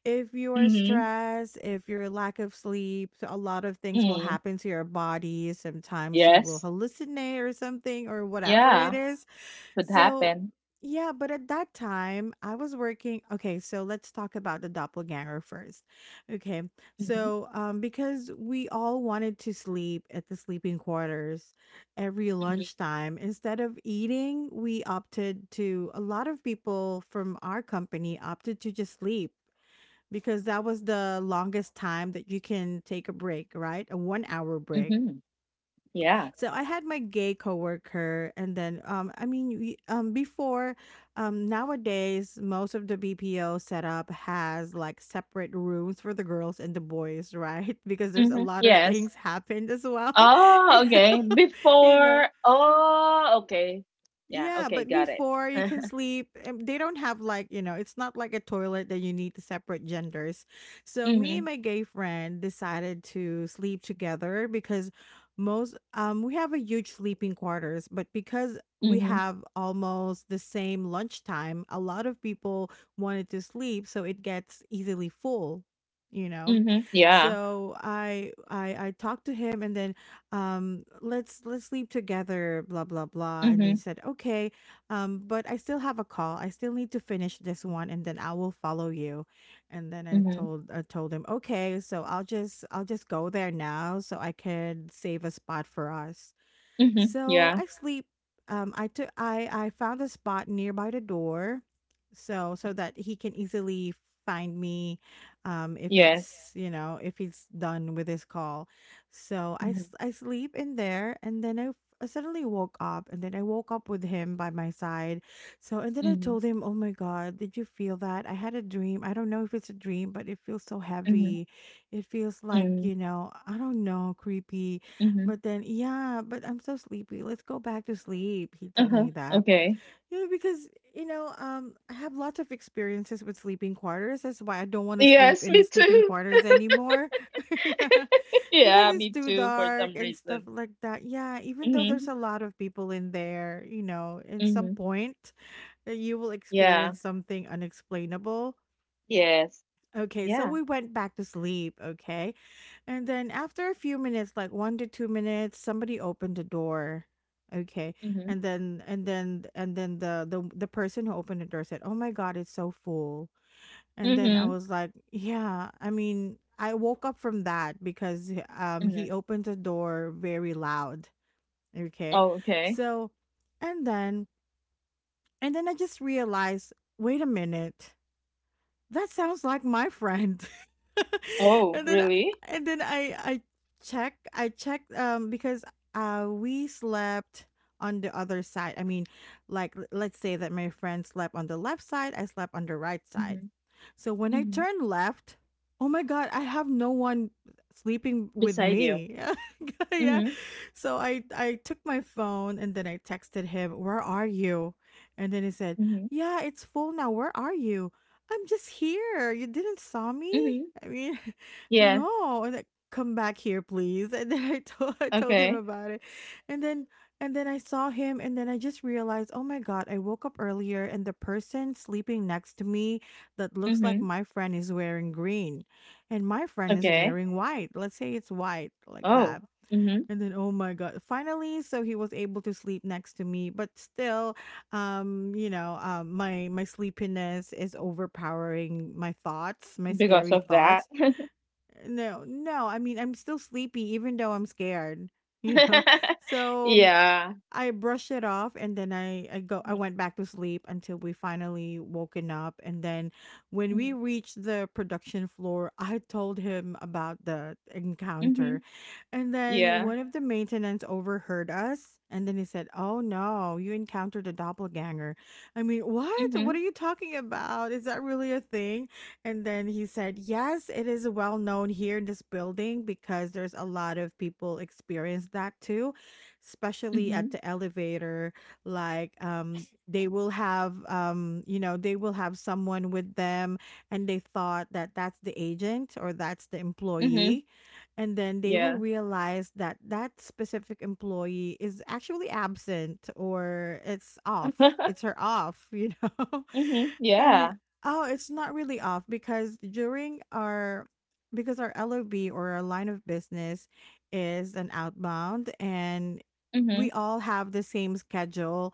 Speaker 1: if you are
Speaker 2: Mm-hmm.
Speaker 1: stressed, if you're lack of sleep, so a lot of things will
Speaker 2: Mm.
Speaker 1: happen to your body. Sometimes you will
Speaker 2: Yes.
Speaker 1: hallucinate or something, or whatever it
Speaker 2: Yeah.
Speaker 1: is.
Speaker 2: Could
Speaker 1: So,
Speaker 2: happen.
Speaker 1: yeah, but at that time, I was working. Okay, so let's talk about the doppelganger first. Okay,
Speaker 2: Mm-hmm.
Speaker 1: so because we all wanted to sleep at the sleeping quarters every
Speaker 2: Mm-hmm.
Speaker 1: lunchtime, instead of eating, we opted to, a lot of people from our company opted to just sleep because that was the longest time that you can take a break, right? A 1 hour break.
Speaker 2: Mm-hmm. Yeah.
Speaker 1: So I had my gay coworker, and then before, nowadays most of the BPO setup has like separate rooms for the girls and the boys, right? Because there's a
Speaker 2: Mm-hmm.
Speaker 1: lot of
Speaker 2: Yes.
Speaker 1: things happened as well,
Speaker 2: Oh, okay.
Speaker 1: you know.
Speaker 2: Before. Oh, okay. Yeah.
Speaker 1: Yeah,
Speaker 2: Okay.
Speaker 1: but
Speaker 2: Got it.
Speaker 1: before you can sleep, they don't have like, you know, it's not like a toilet that you need to separate genders. So me
Speaker 2: Mm-hmm.
Speaker 1: and my gay friend decided to sleep together because most we have a huge sleeping quarters, but because we
Speaker 2: Mm-hmm.
Speaker 1: have almost the same lunchtime, a lot of people wanted to sleep, so it gets easily full, you know.
Speaker 2: Mm-hmm. Yeah.
Speaker 1: So I talked to him and then let's sleep together blah blah blah and then
Speaker 2: Mm-hmm.
Speaker 1: said okay. But I still have a call, I still need to finish this one and then I will follow you. And then i
Speaker 2: Mm-hmm.
Speaker 1: told i told him, okay, so I'll just go there now so I can save a spot for us.
Speaker 2: Mm-hmm.
Speaker 1: So
Speaker 2: Yeah.
Speaker 1: I sleep. I took I found a spot nearby the door, so that he can easily find me, if
Speaker 2: Yes.
Speaker 1: it's you know if he's done with his call. So I
Speaker 2: Mm-hmm.
Speaker 1: s- I sleep in there, and then I suddenly woke up, and then I woke up with him by my side. So and then I
Speaker 2: Mm-hmm,
Speaker 1: told him, "Oh my God, did you feel that? I had a dream. I don't know if it's a dream, but it feels so
Speaker 2: mhm,
Speaker 1: heavy. It feels like
Speaker 2: mm,
Speaker 1: you know I don't know, creepy."
Speaker 2: mhm,
Speaker 1: But then, "Yeah, but I'm so sleepy. Let's go back to sleep." He told
Speaker 2: uh-huh,
Speaker 1: me that.
Speaker 2: okay.
Speaker 1: Well, because, you know, I have lots of experiences with sleeping quarters. That's why I don't wanna sleep
Speaker 2: Yes,
Speaker 1: in the
Speaker 2: me
Speaker 1: sleeping
Speaker 2: too.
Speaker 1: quarters anymore. Yeah, because
Speaker 2: Yeah,
Speaker 1: it's
Speaker 2: me
Speaker 1: too
Speaker 2: too, for
Speaker 1: dark
Speaker 2: some
Speaker 1: and stuff
Speaker 2: reason.
Speaker 1: like that. Yeah, even though
Speaker 2: Mm-hmm,
Speaker 1: there's a lot of people in there, you know, at some
Speaker 2: mm-hmm,
Speaker 1: point, you will
Speaker 2: yeah,
Speaker 1: experience something unexplainable.
Speaker 2: yes,
Speaker 1: Okay, so
Speaker 2: yeah,
Speaker 1: we went back to sleep, okay? And then after a few minutes, like 1 to 2 minutes, somebody opened the door. Okay.
Speaker 2: mm-hmm,
Speaker 1: And then the person who opened the door said, "Oh my god, it's so full." And then I
Speaker 2: mm-hmm,
Speaker 1: was like, "Yeah, I mean, I woke up from that because
Speaker 2: mm-hmm.
Speaker 1: he opened the door very loud." Okay.
Speaker 2: Oh, okay.
Speaker 1: So and then I just realized, "Wait a minute, that sounds like my friend."
Speaker 2: Oh,
Speaker 1: And then
Speaker 2: really?
Speaker 1: and then i i I checked, because we slept on the other side. I mean, like, l- let's say that my friend slept on the left side, I slept on the right side.
Speaker 2: Mm-hmm,
Speaker 1: So when I
Speaker 2: mm-hmm.
Speaker 1: turned left, oh my god, I have no one sleeping with
Speaker 2: Beside you.
Speaker 1: me. Yeah,
Speaker 2: Mm-hmm,
Speaker 1: so I took my phone and then I texted him, "Where are you?" And then he said,
Speaker 2: mm-hmm,
Speaker 1: "Yeah, it's full now, where are you? I'm just here. You didn't saw me?"
Speaker 2: mm-hmm.
Speaker 1: I mean,
Speaker 2: Yes,
Speaker 1: no. And like, come back here, please. And then I told I told him
Speaker 2: okay.
Speaker 1: about it. And then I saw him and then I just realized, oh my God, I woke up earlier and the person sleeping next to me that looks like
Speaker 2: Mm-hmm,
Speaker 1: my friend is wearing green. And my friend is
Speaker 2: okay.
Speaker 1: wearing white. Let's say it's white like
Speaker 2: Oh,
Speaker 1: that.
Speaker 2: mm-hmm,
Speaker 1: And then, oh my God, finally, so he was able to sleep next to me. But still, my sleepiness is overpowering my thoughts, my
Speaker 2: because
Speaker 1: scary
Speaker 2: of that.
Speaker 1: thoughts. No, no, I mean, I'm still sleepy even though I'm scared, you know. So
Speaker 2: Yeah.
Speaker 1: I brushed it off and then I
Speaker 2: Mm-hmm,
Speaker 1: went back to sleep until we finally woken up, and then when
Speaker 2: mm-hmm,
Speaker 1: we reached the production floor, I told him about the
Speaker 2: mm-hmm.
Speaker 1: encounter. And then
Speaker 2: Yeah.
Speaker 1: one of the maintenance overheard us and then he said, "Oh no, you encountered a doppelganger." I mean, "What?
Speaker 2: Mm-hmm,
Speaker 1: What are you talking about? Is that really a thing?" And then he said, "Yes, it is well known here in this building because there's a lot of people experience that too, especially
Speaker 2: mm-hmm,
Speaker 1: at the elevator, like, they will have you know they will have someone with them, and they thought that that's the agent or that's the
Speaker 2: mm-hmm.
Speaker 1: employee. And then they will
Speaker 2: Yeah.
Speaker 1: realize that that specific employee is actually absent or it's off, it's her off, you know."
Speaker 2: Mhm.
Speaker 1: I
Speaker 2: Yeah.
Speaker 1: mean, oh, it's not really off because during our, because our lob or our line of business is an outbound, and
Speaker 2: Mhm.
Speaker 1: we all have the same schedule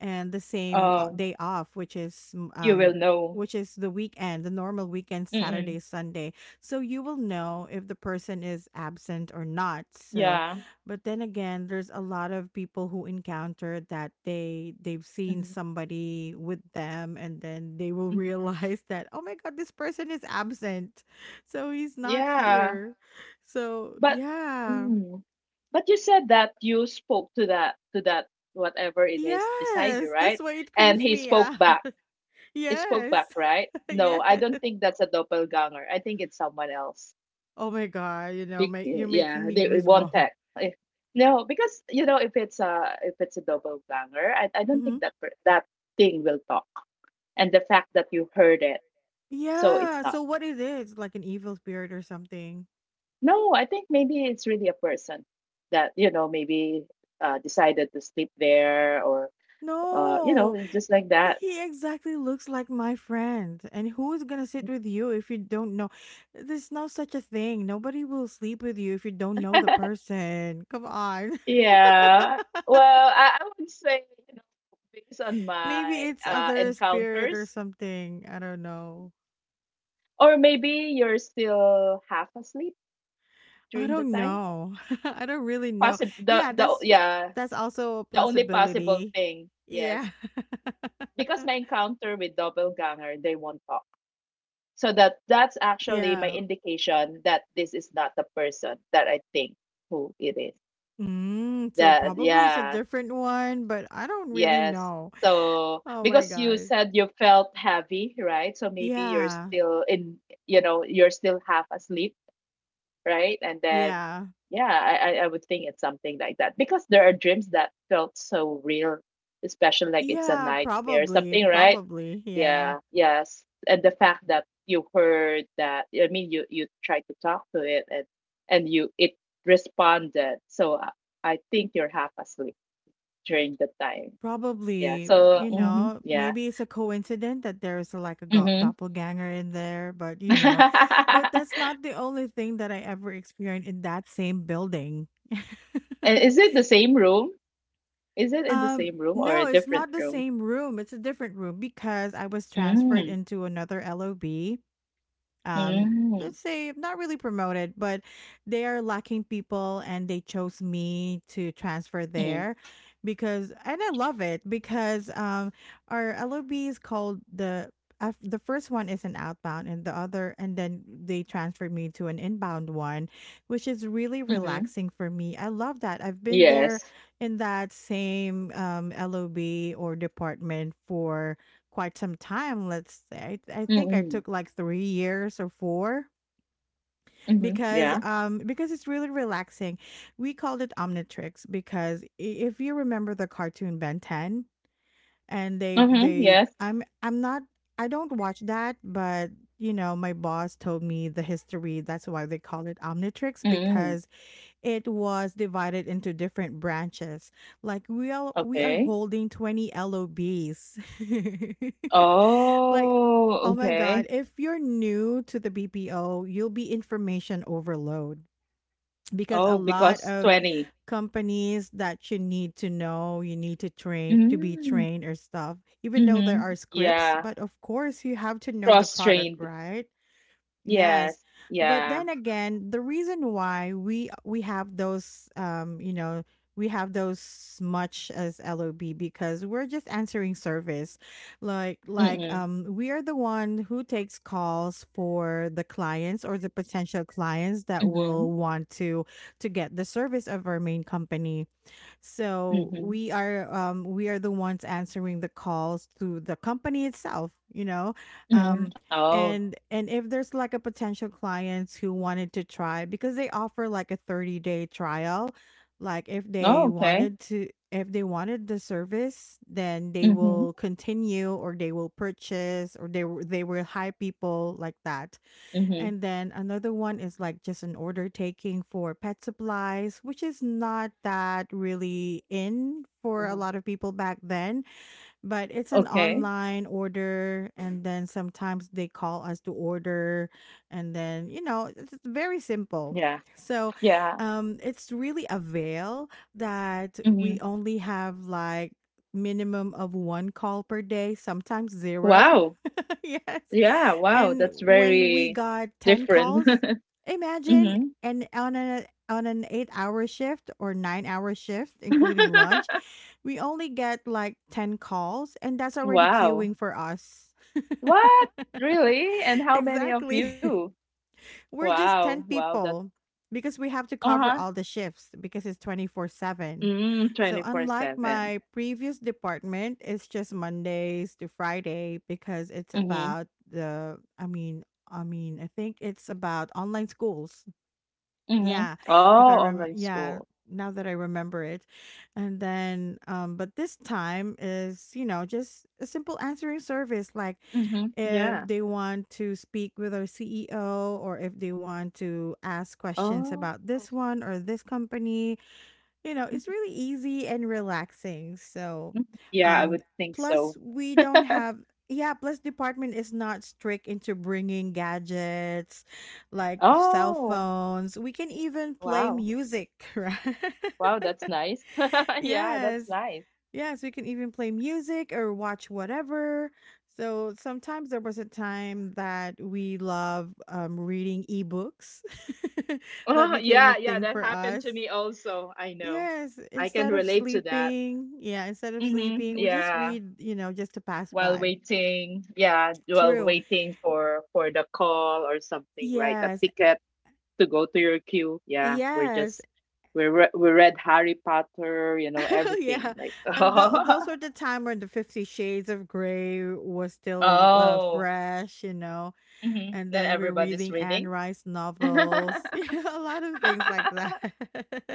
Speaker 1: and the same
Speaker 2: Oh,
Speaker 1: day off, which is
Speaker 2: you will know.
Speaker 1: which is the weekend, the normal weekend,
Speaker 2: Mm-mm.
Speaker 1: Saturday, Sunday. So you will know if the person is absent or not. So
Speaker 2: Yeah.
Speaker 1: but then again, there's a lot of people who encounter that, they've seen
Speaker 2: Mhm.
Speaker 1: somebody with them, and then they will
Speaker 2: Mhm.
Speaker 1: realize that, oh my god, this person is absent, so he's not
Speaker 2: Yeah.
Speaker 1: here. So
Speaker 2: But
Speaker 1: yeah.
Speaker 2: mm, but you said that you spoke to that whatever it is beside you,
Speaker 1: Yes, that's
Speaker 2: right?
Speaker 1: why it
Speaker 2: And
Speaker 1: creeps
Speaker 2: he
Speaker 1: me
Speaker 2: spoke
Speaker 1: out.
Speaker 2: back. It spoke
Speaker 1: Yes.
Speaker 2: back, right? No,
Speaker 1: Yes.
Speaker 2: I don't think that's a doppelganger. I think it's someone else.
Speaker 1: Oh my god, you know, my, you're making
Speaker 2: Yeah,
Speaker 1: me
Speaker 2: they, it won't
Speaker 1: goosebumps.
Speaker 2: text. Eh, no, because you know if it's a doppelganger, I don't think
Speaker 1: Mhm.
Speaker 2: that that thing will talk, and the fact that you heard it. So it's
Speaker 1: Yeah,
Speaker 2: not.
Speaker 1: so what is it? It's like an evil spirit or something.
Speaker 2: No, I think maybe it's really a person that, you know, maybe decided to sleep there, or you know,
Speaker 1: No,
Speaker 2: it's just like that.
Speaker 1: he exactly looks like my friend. And who is gonna sit with you if you don't know? There's no such a thing. Nobody will sleep with you if you don't know the person. Come on.
Speaker 2: Yeah. Well, I would say, you know, based on
Speaker 1: Maybe
Speaker 2: my
Speaker 1: it's other spirit or
Speaker 2: encounters,
Speaker 1: something. I don't know.
Speaker 2: or maybe you're still half asleep
Speaker 1: I
Speaker 2: during the
Speaker 1: don't
Speaker 2: time.
Speaker 1: know. I don't really know.
Speaker 2: Possible.
Speaker 1: Yeah,
Speaker 2: Yeah,
Speaker 1: that's also a
Speaker 2: the only possible
Speaker 1: possibility.
Speaker 2: thing. Yes.
Speaker 1: Yeah.
Speaker 2: Because my encounter with doppelganger, they won't talk. So that's actually my
Speaker 1: Yeah.
Speaker 2: indication that this is not the person that I think who it is.
Speaker 1: Mm, so
Speaker 2: That
Speaker 1: probably it's a
Speaker 2: yeah,
Speaker 1: different one, but I don't really
Speaker 2: yes.
Speaker 1: know.
Speaker 2: So
Speaker 1: Oh my
Speaker 2: because you
Speaker 1: God.
Speaker 2: said you felt heavy, right? So maybe you're
Speaker 1: Yeah.
Speaker 2: still in, you know, you're still half asleep, right? And then
Speaker 1: Yeah.
Speaker 2: yeah, I would think it's something like that because there are dreams that felt so real, especially like it's a
Speaker 1: Yeah,
Speaker 2: nightmare or
Speaker 1: probably.
Speaker 2: something, right?
Speaker 1: Probably. Yeah.
Speaker 2: Yeah, yes. And the fact that you heard that, I mean, you tried to talk to it, and you, it responded. So I think you're half asleep during the time. Yeah.
Speaker 1: Probably,
Speaker 2: So,
Speaker 1: you
Speaker 2: mhm,
Speaker 1: know,
Speaker 2: yeah.
Speaker 1: maybe it's a coincidence that there's a, like a go-
Speaker 2: Mm-hmm.
Speaker 1: doppelganger in there, but you know, but that's not the only thing that I ever experienced in that same building.
Speaker 2: And is it the same room? Is it in the same room or a
Speaker 1: No, it's
Speaker 2: different
Speaker 1: not the
Speaker 2: room?
Speaker 1: same room. It's a different room because I was transferred
Speaker 2: Mm,
Speaker 1: into another LOB.
Speaker 2: mm,
Speaker 1: Let's say not really promoted, but they are lacking people and they chose me to transfer
Speaker 2: mm,
Speaker 1: there. Because, and I love it, because our lob is called the first one is an outbound, and the other, and then they transferred me to an inbound one, which is really
Speaker 2: mm-hmm.
Speaker 1: relaxing for me. I love that. I've been there
Speaker 2: Yes.
Speaker 1: in that same lob or department for quite some time, let's say. I think I
Speaker 2: Mm-hmm.
Speaker 1: took like 3 years or 4
Speaker 2: Mm-hmm. Yeah.
Speaker 1: because it's really relaxing. We called it Omnitrix because I- if you remember the cartoon Ben 10. And
Speaker 2: Mm-hmm.
Speaker 1: they
Speaker 2: Yes.
Speaker 1: I'm not, I don't watch that, but you know, my boss told me the history. That's why they call it Omnitrix
Speaker 2: Mm.
Speaker 1: because it was divided into different branches. Like we are
Speaker 2: Okay.
Speaker 1: holding 20 LOBs. Like,
Speaker 2: Oh,
Speaker 1: oh my
Speaker 2: okay.
Speaker 1: God, if you're new to the BPO, you'll be information overload because a
Speaker 2: Oh,
Speaker 1: lot
Speaker 2: because
Speaker 1: of
Speaker 2: 20.
Speaker 1: companies that you need to know, you need to train to be
Speaker 2: Mm,
Speaker 1: trained or stuff, even though there
Speaker 2: mm-hmm.
Speaker 1: are scripts,
Speaker 2: Yeah.
Speaker 1: but of course you have to know the product,
Speaker 2: Cross-trained.
Speaker 1: right? Yes.
Speaker 2: Yes.
Speaker 1: But
Speaker 2: Yeah.
Speaker 1: then again, the reason why we have those you know, we have those much as LOB because we're just answering service. Like
Speaker 2: Mm-mm.
Speaker 1: we are the one who takes calls for the clients or the potential clients that
Speaker 2: Mm-hmm.
Speaker 1: will want to get the service of our main company. So
Speaker 2: Mm-hmm.
Speaker 1: we are the ones answering the calls to the company itself, you know.
Speaker 2: Mm-hmm.
Speaker 1: um
Speaker 2: Oh.
Speaker 1: and if there's like a potential clients who wanted to try because they offer like a 30-day trial, like if they
Speaker 2: Oh, okay.
Speaker 1: wanted to, if they wanted the service, then they
Speaker 2: Mm-hmm.
Speaker 1: will continue or they will purchase or they will hire people like that.
Speaker 2: Mm-hmm.
Speaker 1: And then another one is like just an order taking for pet supplies, which is not that really in for a
Speaker 2: Mm-hmm.
Speaker 1: lot of people back then, but it's an
Speaker 2: Okay.
Speaker 1: online order. And then sometimes they call us to order. And then, you know, it's very simple.
Speaker 2: Yeah.
Speaker 1: So
Speaker 2: Yeah.
Speaker 1: it's really a veil that
Speaker 2: Mm-hmm.
Speaker 1: we only have like minimum of one call per day, sometimes zero.
Speaker 2: Wow.
Speaker 1: Yes.
Speaker 2: Yeah. Wow.
Speaker 1: And
Speaker 2: That's
Speaker 1: when we
Speaker 2: very
Speaker 1: got 10
Speaker 2: different.
Speaker 1: calls, imagine,
Speaker 2: Mm-hmm.
Speaker 1: and on a on an 8-hour shift or 9-hour shift including lunch, we only get like 10 calls and that's already
Speaker 2: Wow.
Speaker 1: queuing for us.
Speaker 2: What? Really? And how many of
Speaker 1: Exactly.
Speaker 2: you?
Speaker 1: We're just
Speaker 2: Wow.
Speaker 1: 10
Speaker 2: Wow. That's
Speaker 1: people because we have to
Speaker 2: uh-huh.
Speaker 1: cover all the shifts because it's 24/7.
Speaker 2: Mm,
Speaker 1: So unlike
Speaker 2: 24/7.
Speaker 1: my previous department, it's just Mondays to Friday because it's
Speaker 2: Mhm,
Speaker 1: about the, I mean, I mean, I think it's about online schools.
Speaker 2: mhm.
Speaker 1: Yeah, if I
Speaker 2: Oh,
Speaker 1: remember,
Speaker 2: online
Speaker 1: yeah,
Speaker 2: school.
Speaker 1: now that I remember it. And then, but this time is, you know, just a simple answering service. Like
Speaker 2: Mhm,
Speaker 1: if
Speaker 2: yeah.
Speaker 1: they want to speak with our CEO or if they want to ask questions
Speaker 2: Oh.
Speaker 1: about this one or this company, you know, it's
Speaker 2: Mhm,
Speaker 1: really easy and relaxing. So,
Speaker 2: mhm. Yeah, I
Speaker 1: Yeah.
Speaker 2: would think
Speaker 1: plus
Speaker 2: so.
Speaker 1: we don't have yeah, plus department is not strict into bringing gadgets like cell
Speaker 2: Oh,
Speaker 1: phones. We can even play
Speaker 2: wow.
Speaker 1: music, right?
Speaker 2: Wow, that's nice. Yeah, that's
Speaker 1: Yes.
Speaker 2: nice.
Speaker 1: Yes, we can even play music or watch whatever. So sometimes there was a time that we love reading ebooks. That
Speaker 2: Oh,
Speaker 1: became a
Speaker 2: yeah, yeah,
Speaker 1: thing
Speaker 2: that
Speaker 1: for
Speaker 2: happened
Speaker 1: us.
Speaker 2: to me also. I know.
Speaker 1: Yes,
Speaker 2: I can
Speaker 1: instead of
Speaker 2: relate to that.
Speaker 1: sleeping, yeah, instead of
Speaker 2: Mhm,
Speaker 1: sleeping, we just
Speaker 2: yeah.
Speaker 1: read, you know, just to pass
Speaker 2: While
Speaker 1: by.
Speaker 2: waiting, yeah, while
Speaker 1: True.
Speaker 2: waiting for the call or something, right? A
Speaker 1: Yes.
Speaker 2: ticket to go to your queue. Yeah, we're
Speaker 1: Yes.
Speaker 2: just we read Harry Potter, you know, everything.
Speaker 1: Yeah.
Speaker 2: Like
Speaker 1: And
Speaker 2: oh,
Speaker 1: that, those were the time when the Fifty Shades of Grey was still
Speaker 2: oh,
Speaker 1: fresh, you know,
Speaker 2: hmm.
Speaker 1: and
Speaker 2: Then
Speaker 1: then we're
Speaker 2: everybody's
Speaker 1: reading Anne
Speaker 2: reading.
Speaker 1: Rice novels, you know, a lot of things like that.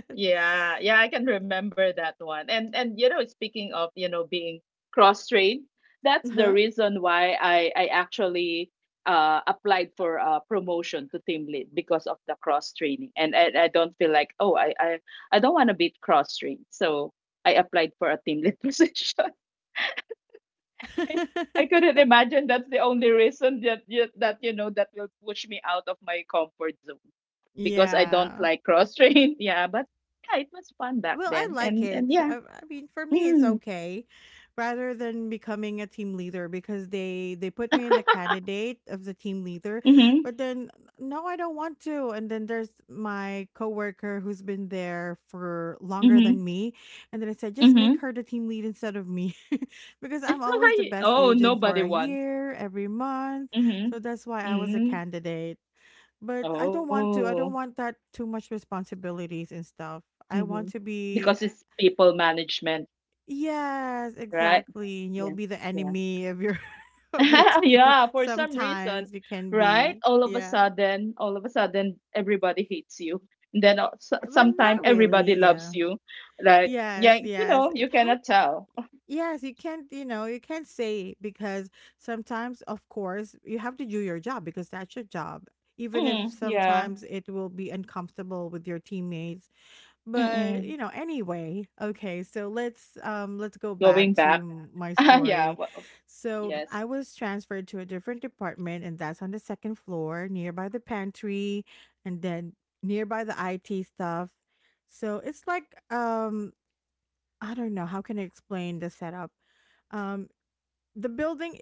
Speaker 2: Yeah, yeah, I can remember that one. And you know, speaking of, you know, being cross-trained, that's the
Speaker 1: Uh-huh.
Speaker 2: reason why I actually applied for a promotion to team lead because of the cross-training. And I don't feel like, oh, I I don't want to be cross-trained. So I applied for a team lead position. I couldn't imagine that's the only reason that you know that will push me out of my comfort zone because I don't
Speaker 1: Yeah.
Speaker 2: like cross train. Yeah, but yeah, it was fun back
Speaker 1: Well, I
Speaker 2: then,
Speaker 1: like
Speaker 2: and
Speaker 1: it.
Speaker 2: yeah.
Speaker 1: I mean, for me, it's
Speaker 2: Mm,
Speaker 1: okay, rather than becoming a team leader because they put me in the candidate of the team leader,
Speaker 2: mhm.
Speaker 1: but then no, I don't want to. And then there's my coworker who's been there for longer
Speaker 2: Mhm.
Speaker 1: than me, and then I said, just make
Speaker 2: Mhm.
Speaker 1: her the team lead instead of me, because I'm always the best
Speaker 2: Oh,
Speaker 1: agent for
Speaker 2: nobody
Speaker 1: a
Speaker 2: wants.
Speaker 1: year, every month. So
Speaker 2: Mhm.
Speaker 1: that's why I was a
Speaker 2: Mhm.
Speaker 1: candidate. But I don't want to. I
Speaker 2: Oh.
Speaker 1: don't want that too much responsibilities and stuff. I
Speaker 2: Mhm.
Speaker 1: want to
Speaker 2: Because
Speaker 1: be
Speaker 2: it's people management,
Speaker 1: yes,
Speaker 2: right?
Speaker 1: exactly. And
Speaker 2: Yeah.
Speaker 1: you'll be the
Speaker 2: Yeah.
Speaker 1: enemy of your of your team.
Speaker 2: Yeah, for some reason,
Speaker 1: Sometimes you can
Speaker 2: right?
Speaker 1: be. Yeah.
Speaker 2: All of a sudden, everybody hates you. And then
Speaker 1: But
Speaker 2: sometimes
Speaker 1: not really,
Speaker 2: everybody loves
Speaker 1: yeah.
Speaker 2: you. Like, yeah,
Speaker 1: Yes,
Speaker 2: you
Speaker 1: yes.
Speaker 2: know,
Speaker 1: It
Speaker 2: you
Speaker 1: hap
Speaker 2: cannot tell.
Speaker 1: yes, you can't, you know, you can't say because sometimes of course you have to do your job because that's your job. Even if
Speaker 2: Mm, yeah.
Speaker 1: sometimes it will be uncomfortable with your teammates. But,
Speaker 2: Mm-mm.
Speaker 1: you know, anyway, okay, so let's go
Speaker 2: Going
Speaker 1: back
Speaker 2: back.
Speaker 1: to my
Speaker 2: Yeah.
Speaker 1: story.
Speaker 2: Well,
Speaker 1: So
Speaker 2: yes.
Speaker 1: I was transferred to a different department, and that's on the second floor, nearby the pantry, and then nearby the IT stuff. So it's like, um, I don't know, how can I explain the setup? Um, the building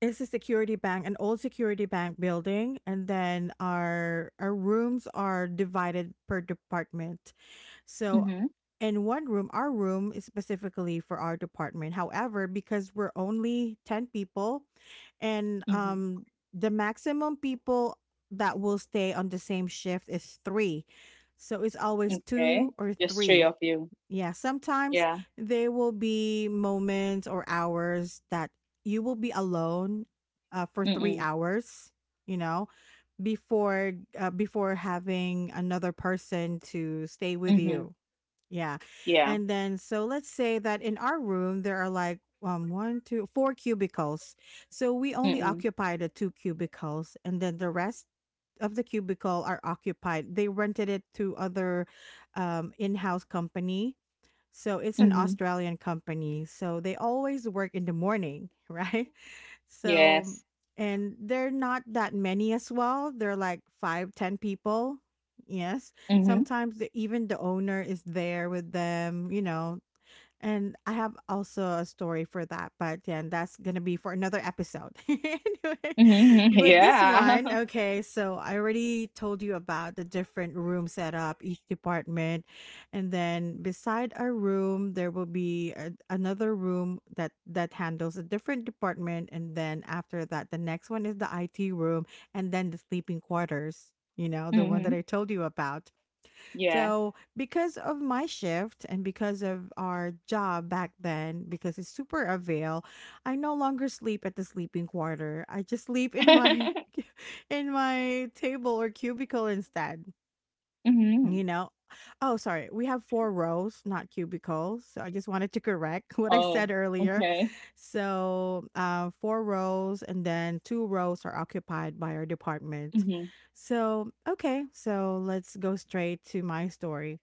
Speaker 1: is a security bank, an old security bank building, and then our rooms are divided per department. So
Speaker 2: Mm-hmm.
Speaker 1: and one room, our room is specifically for our department. However, because we're only 10 people and
Speaker 2: Mm-hmm.
Speaker 1: the maximum people that will stay on the same shift is 3. So it's always
Speaker 2: Okay.
Speaker 1: 2 or
Speaker 2: Just three of
Speaker 1: 3.
Speaker 2: you.
Speaker 1: Yeah, sometimes
Speaker 2: Yeah.
Speaker 1: there will be moments or hours that you will be alone for 3
Speaker 2: Mm-mm.
Speaker 1: hours, you know, before before having another person to stay with
Speaker 2: Mm-hmm.
Speaker 1: you. Yeah.
Speaker 2: Yeah.
Speaker 1: And then, so let's say that in our room, there are like one, two, four cubicles. So we only
Speaker 2: Mm-mm.
Speaker 1: occupy the two cubicles, and then the rest of the cubicle are occupied. They rented it to other in house company. So it's an
Speaker 2: Mm-hmm.
Speaker 1: Australian company. So they always work in the morning, right? So,
Speaker 2: Yes.
Speaker 1: and they're not that many as well. They're like five, ten people. Yes.
Speaker 2: Mm-hmm.
Speaker 1: Sometimes the, even the owner is there with them, you know, and I have also a story for that, but yeah, that's gonna be for another episode. Anyway,
Speaker 2: Mm-hmm.
Speaker 1: but this
Speaker 2: Yeah.
Speaker 1: one, okay, so I already told you about the different room setup, each department, and then beside our room there will be a, another room that handles a different department, and then after that, the next one is the IT room, and then the sleeping quarters. You know, the one
Speaker 2: Mm-hmm.
Speaker 1: that I told you about.
Speaker 2: Yes.
Speaker 1: So, because of my shift and because of our job back then, because it's super avail, I no longer sleep at the sleeping quarter. I just sleep in my
Speaker 2: Mm-hmm.
Speaker 1: in my table or cubicle instead. You know? Oh, sorry. We have 4 rows, not cubicles. So I just wanted to correct what I
Speaker 2: Oh,
Speaker 1: said earlier.
Speaker 2: okay.
Speaker 1: So, 4 rows and then 2 rows are occupied by our department.
Speaker 2: Mhm,
Speaker 1: So, okay. So let's go straight to my story.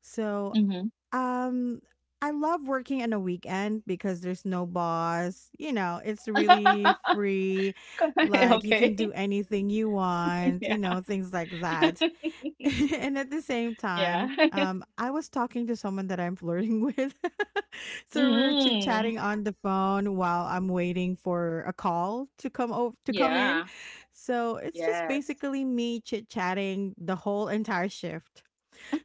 Speaker 1: So,
Speaker 2: mhm.
Speaker 1: um, I love working on a weekend because there's no boss. You know, it's really free.
Speaker 2: Correct,
Speaker 1: Like you can do
Speaker 2: okay.
Speaker 1: anything you want, you
Speaker 2: Yeah.
Speaker 1: know, things like that. And at the same
Speaker 2: Yeah.
Speaker 1: time, I was talking to someone that I'm flirting with. So we were chit
Speaker 2: Mm,
Speaker 1: chatting on the phone while I'm waiting for a call to come in.
Speaker 2: yeah.
Speaker 1: So it's just
Speaker 2: Yes.
Speaker 1: basically me chit chatting the whole entire shift.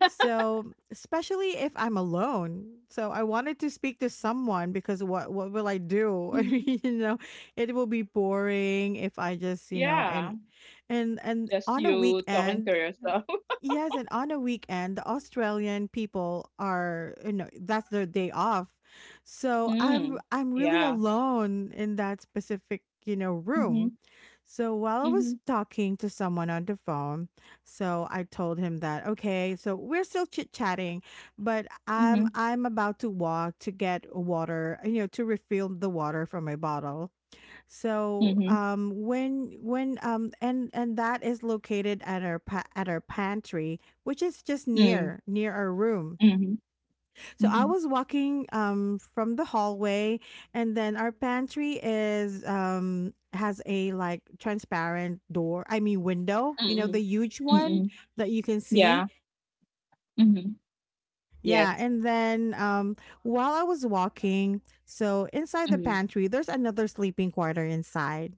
Speaker 1: So especially if I'm alone. So I wanted to speak to someone because what will I do? I
Speaker 2: Mhm.
Speaker 1: mean, you know, it will be boring if I just, you know,
Speaker 2: Yeah.
Speaker 1: and
Speaker 2: Just
Speaker 1: on a
Speaker 2: you talking to
Speaker 1: weekend.
Speaker 2: yourself.
Speaker 1: Yes, and on a weekend, the Australian people are, you know, that's their day off. So I'm
Speaker 2: Mm,
Speaker 1: I'm really
Speaker 2: yeah.
Speaker 1: alone in that specific, you know, room.
Speaker 2: Mhm,
Speaker 1: So while I was
Speaker 2: mhm,
Speaker 1: talking to someone on the phone, so I told him that, okay, so we're still chit-chatting, but
Speaker 2: mhm,
Speaker 1: I'm about to walk to get water, you know, to refill the water from my bottle. So
Speaker 2: mhm,
Speaker 1: when and that is located at at our pantry which is just
Speaker 2: mm,
Speaker 1: near our room.
Speaker 2: mhm,
Speaker 1: So I
Speaker 2: mhm,
Speaker 1: was walking from the hallway and then our pantry is has a like transparent door, I mean window, you know
Speaker 2: mm-mm,
Speaker 1: the huge one
Speaker 2: mm-mm.
Speaker 1: that you can
Speaker 2: Yeah.
Speaker 1: see.
Speaker 2: Mhm.
Speaker 1: Yeah,
Speaker 2: Yes.
Speaker 1: and then while I was walking, so inside the
Speaker 2: Mhm.
Speaker 1: pantry, there's another sleeping quarter inside,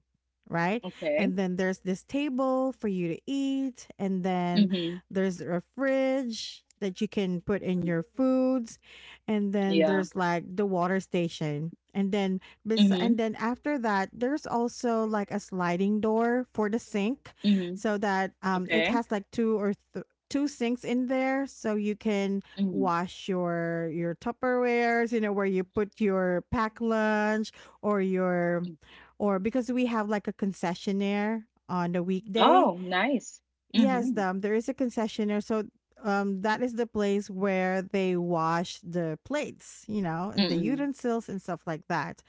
Speaker 1: right?
Speaker 2: Okay.
Speaker 1: And then there's this table for you to eat, and then
Speaker 2: Mhm.
Speaker 1: there's a fridge that you can put in
Speaker 2: Mm,
Speaker 1: your foods, and then
Speaker 2: yeah.
Speaker 1: there's like the water station. And then
Speaker 2: Mhm,
Speaker 1: after that, there's also like a sliding door for the sink
Speaker 2: mhm.
Speaker 1: so that it
Speaker 2: Okay.
Speaker 1: has like two or two sinks in there so you can
Speaker 2: Mhm.
Speaker 1: wash your Tupperwares, you know, where you put your pack lunch or your or because we have like a concessionaire on the weekday.
Speaker 2: Oh, nice.
Speaker 1: Yes,
Speaker 2: Mhm.
Speaker 1: there is a concessionaire, so that is the place where they wash the plates, you know, and the
Speaker 2: Mm-mm.
Speaker 1: utensils and stuff like that.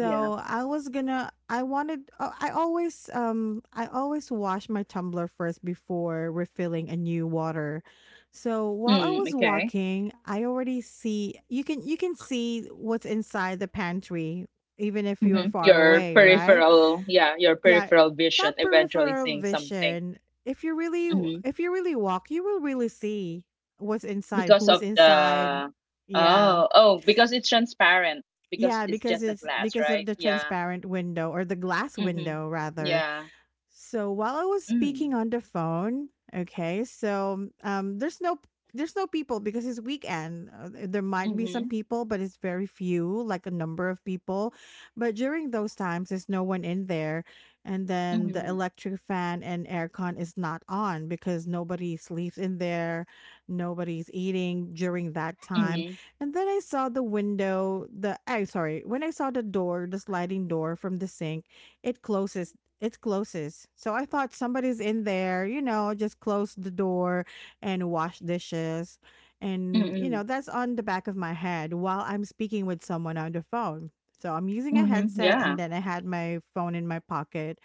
Speaker 2: Yeah.
Speaker 1: I was gonna. I wanted. I always. I always wash my tumbler first before refilling a new water. So while I
Speaker 2: Mm,
Speaker 1: was
Speaker 2: okay.
Speaker 1: walking, I already see. You can see what's inside the pantry, even if you are
Speaker 2: Mhm.
Speaker 1: far
Speaker 2: Your
Speaker 1: away, right?
Speaker 2: peripheral, yeah, your
Speaker 1: Yeah,
Speaker 2: peripheral
Speaker 1: that
Speaker 2: vision eventually
Speaker 1: peripheral
Speaker 2: seeing something.
Speaker 1: vision. If you really
Speaker 2: Mhm.
Speaker 1: if you really walk, you will really see what's inside,
Speaker 2: Because
Speaker 1: who's
Speaker 2: of
Speaker 1: inside.
Speaker 2: the.
Speaker 1: Yeah.
Speaker 2: Oh, oh, because it's transparent, because
Speaker 1: Yeah,
Speaker 2: it's
Speaker 1: because
Speaker 2: just a
Speaker 1: it's
Speaker 2: glass,
Speaker 1: because of
Speaker 2: right?
Speaker 1: the
Speaker 2: Yeah.
Speaker 1: transparent window or the glass
Speaker 2: Mhm.
Speaker 1: window rather.
Speaker 2: Yeah.
Speaker 1: So while I was speaking
Speaker 2: Mm.
Speaker 1: on the phone, okay, there's no people because it's weekend. There might be some
Speaker 2: Mhm.
Speaker 1: people, but it's very few, like a number of people. But during those times, there's no one in there, and then the
Speaker 2: Mhm.
Speaker 1: electric fan and aircon is not on because nobody sleeps in there, nobody's eating during that time.
Speaker 2: Mhm.
Speaker 1: And then I saw the window, the I sorry, when I saw the door, the sliding door from the sink, it closes. So I thought somebody's in there, you know, just close the door and wash dishes. And, you know,
Speaker 2: Mhm.
Speaker 1: that's on the back of my head while I'm speaking with someone on the phone. So I'm using a
Speaker 2: Mhm.
Speaker 1: headset
Speaker 2: Yeah.
Speaker 1: and then I had my phone in my pocket.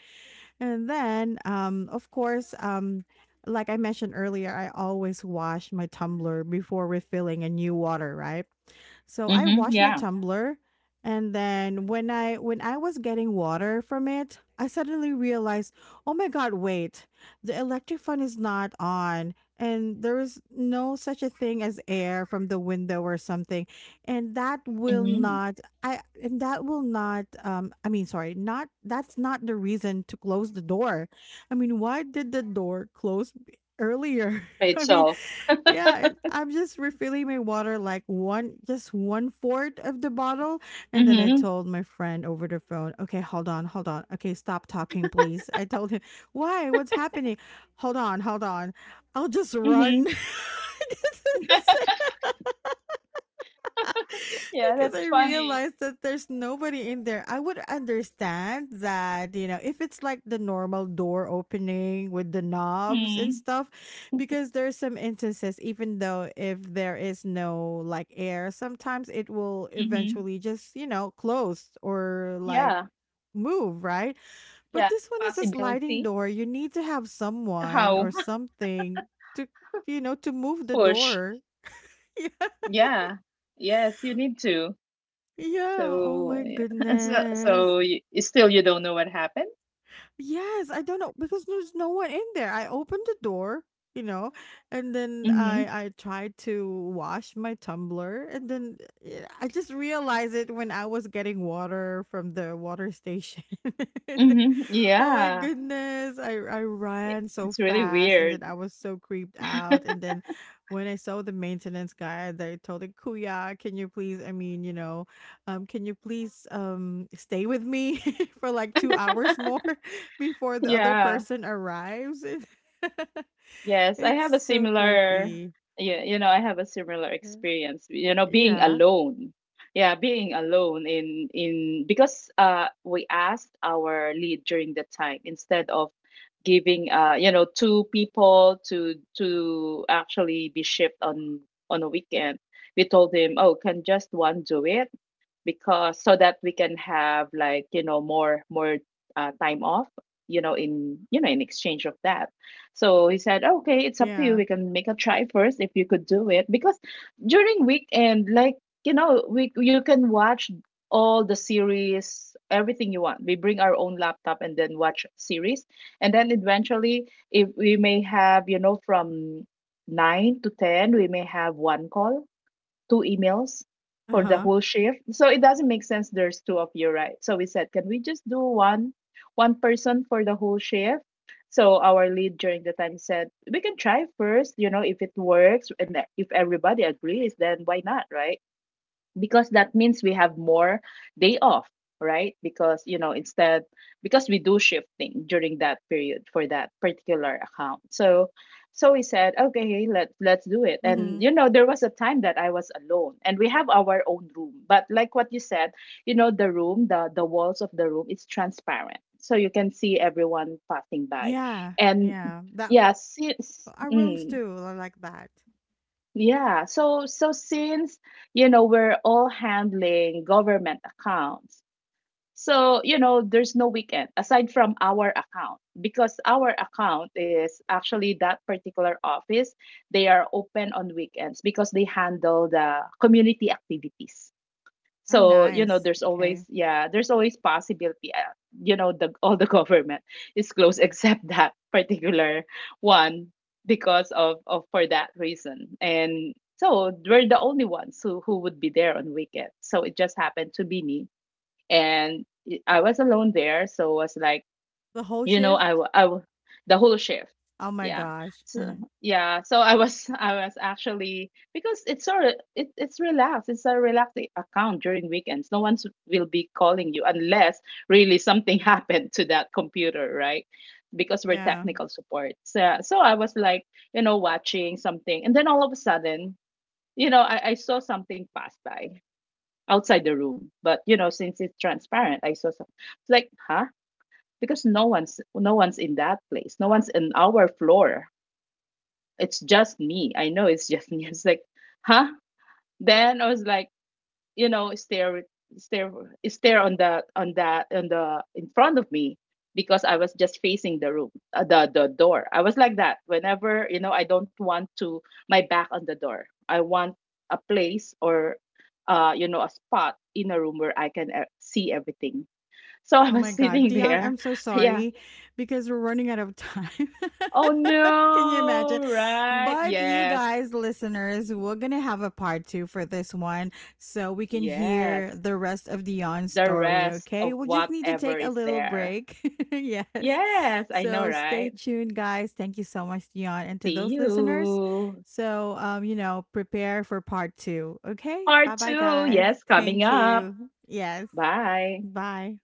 Speaker 1: And then, of course, like I mentioned earlier, I always wash my tumbler before refilling a new water, right? So I
Speaker 2: Mhm.
Speaker 1: washed my
Speaker 2: Yeah.
Speaker 1: tumbler and then when I was getting water from it, I suddenly realized, "Oh my god, wait. The electric fan is not on and there is no such a thing as air from the window or something." And that will
Speaker 2: Mhm.
Speaker 1: not I and that will not I mean, sorry, not that's not the reason to close the door. I mean, why did the door close earlier?
Speaker 2: By
Speaker 1: I mean,
Speaker 2: itself.
Speaker 1: yeah, and I'm just refilling my water like just one fourth of the bottle. And then I
Speaker 2: Mhm.
Speaker 1: told my friend over the phone, okay, hold on, hold on. Okay, stop talking, please. I told him, why? What's happening? Hold on, hold on. I'll just
Speaker 2: Mhm.
Speaker 1: run.
Speaker 2: Yeah,
Speaker 1: Because I
Speaker 2: that's funny.
Speaker 1: realized that there's nobody in there. I would understand that, you know, if it's like the normal door opening with the knobs and
Speaker 2: Mhm.
Speaker 1: stuff, because there's some instances, even though if there is no like air, sometimes it will
Speaker 2: Mhm.
Speaker 1: eventually just, you know, close or like
Speaker 2: Yeah.
Speaker 1: move, right? But
Speaker 2: Yeah.
Speaker 1: this one is a sliding
Speaker 2: Possibility.
Speaker 1: door. You need to have someone or
Speaker 2: How?
Speaker 1: something to, you know, to move the
Speaker 2: Push.
Speaker 1: door. Yeah.
Speaker 2: Yeah. Yes, you need to.
Speaker 1: Yeah. Oh
Speaker 2: So,
Speaker 1: my
Speaker 2: yeah. So,
Speaker 1: goodness.
Speaker 2: you, still you don't know what happened?
Speaker 1: Yes, I don't know because there's no one in there. I opened the door, you know, and then
Speaker 2: Mhm.
Speaker 1: I tried to wash my tumbler, and then eh, I just realized it when I was getting water from the water station.
Speaker 2: Mhm.
Speaker 1: Oh my
Speaker 2: Yeah.
Speaker 1: goodness. I ran so
Speaker 2: It's really
Speaker 1: fast and
Speaker 2: weird.
Speaker 1: then I was so creeped out. And then when I saw the maintenance guy, they told him, Kuya, can you please, I mean, you know, can you please stay with me for like 2 hours more before the other
Speaker 2: Yeah.
Speaker 1: person arrives? It-
Speaker 2: Yes, I have a
Speaker 1: It's so
Speaker 2: similar,
Speaker 1: creepy.
Speaker 2: yeah, you know, I have a similar
Speaker 1: Uh,
Speaker 2: experience, you know, being
Speaker 1: Yeah.
Speaker 2: alone. Yeah, being alone in because we asked our lead during the time instead of giving you know two people to actually be shipped on a weekend. We told him, "Oh, can just one do it?" Because so that we can have like you know more time off, you know, in, you know, in exchange of that. So he said, okay, it's up to you,
Speaker 1: Yeah.
Speaker 2: we can make a try first if you could do it, because during weekend like you know we, you can watch all the series, everything you want. We bring our own laptop and then watch series. And then eventually if we may have you know from 9 to 10 we may have one call, two emails for the
Speaker 1: Uh-huh.
Speaker 2: whole shift. So it doesn't make sense there's two of you, right? So we said, can we just do one person for the whole shift? So our lead during the time said, we can try first, you know, if it works and if everybody agrees, then why not, right? Because that means we have more day off, right? Because you know, instead because we do shifting during that period for that particular account. So so we said okay, let's do it. And
Speaker 1: Mm-hmm.
Speaker 2: you know there was a time that I was alone and we have our own room, but like what you said, you know, the room, the walls of the room, it's transparent, so you can see everyone passing by
Speaker 1: Yeah.
Speaker 2: and
Speaker 1: Yeah. That
Speaker 2: yeah since
Speaker 1: our rooms too are like that.
Speaker 2: yeah, since you know we're all handling government accounts, so you know there's no weekend aside from our account, because our account is actually that particular office, they are open on weekends because they handle the community activities.
Speaker 1: Oh
Speaker 2: So you
Speaker 1: nice.
Speaker 2: know there's always,
Speaker 1: Okay.
Speaker 2: yeah, there's always possibility, you know, the all the government is closed except that particular one because of for that reason. And so we're the only ones who would be there on weekend, so it just happened to be me and I was alone there. So was like,
Speaker 1: The whole
Speaker 2: you know,
Speaker 1: shift?
Speaker 2: the whole shift,
Speaker 1: Oh my
Speaker 2: yeah.
Speaker 1: gosh.
Speaker 2: So yeah, so I was I was actually, because it's sort of, it's relaxed, it's a relaxed account during weekends. No one will be calling you unless really something happened to that computer, right? Because we're
Speaker 1: Yeah.
Speaker 2: technical support. So yeah, so I was like, you know, watching something, and then all of a sudden, you know, I saw something pass by outside the room. But you know since it's transparent I saw something, it's like, huh? Because no one's in that place. No one's in our floor. It's just me. I know it's just me. It's like, huh? Then I was like, you know, stare stare on the on that on the in front of me, because I was just facing the room, the door. I was like that. Whenever you know, I don't want to my back on the door. I want a place or, you know, a spot in a room where I can, see everything. So I
Speaker 1: Oh
Speaker 2: was
Speaker 1: my god,
Speaker 2: sitting
Speaker 1: Dion,
Speaker 2: there.
Speaker 1: I'm so
Speaker 2: Yeah,
Speaker 1: sorry because we're running out of time.
Speaker 2: oh
Speaker 1: Can you imagine?
Speaker 2: no, right?
Speaker 1: But you
Speaker 2: Yes,
Speaker 1: guys, listeners, we're gonna have a part two for this one so we can hear
Speaker 2: yes.
Speaker 1: the rest of Dion's
Speaker 2: The
Speaker 1: story,
Speaker 2: rest
Speaker 1: okay?
Speaker 2: of
Speaker 1: We'll just need to
Speaker 2: whatever
Speaker 1: take a
Speaker 2: is
Speaker 1: little
Speaker 2: there.
Speaker 1: break. Yes.
Speaker 2: Yes, I know,
Speaker 1: So stay
Speaker 2: right?
Speaker 1: tuned, guys. Thank you so much, Dion. And to
Speaker 2: See
Speaker 1: those listeners,
Speaker 2: you.
Speaker 1: you know, prepare for part two. Okay.
Speaker 2: Part
Speaker 1: Bye bye
Speaker 2: two,
Speaker 1: guys.
Speaker 2: yes,
Speaker 1: Thank
Speaker 2: coming up.
Speaker 1: you. Yes.
Speaker 2: Bye.
Speaker 1: Bye.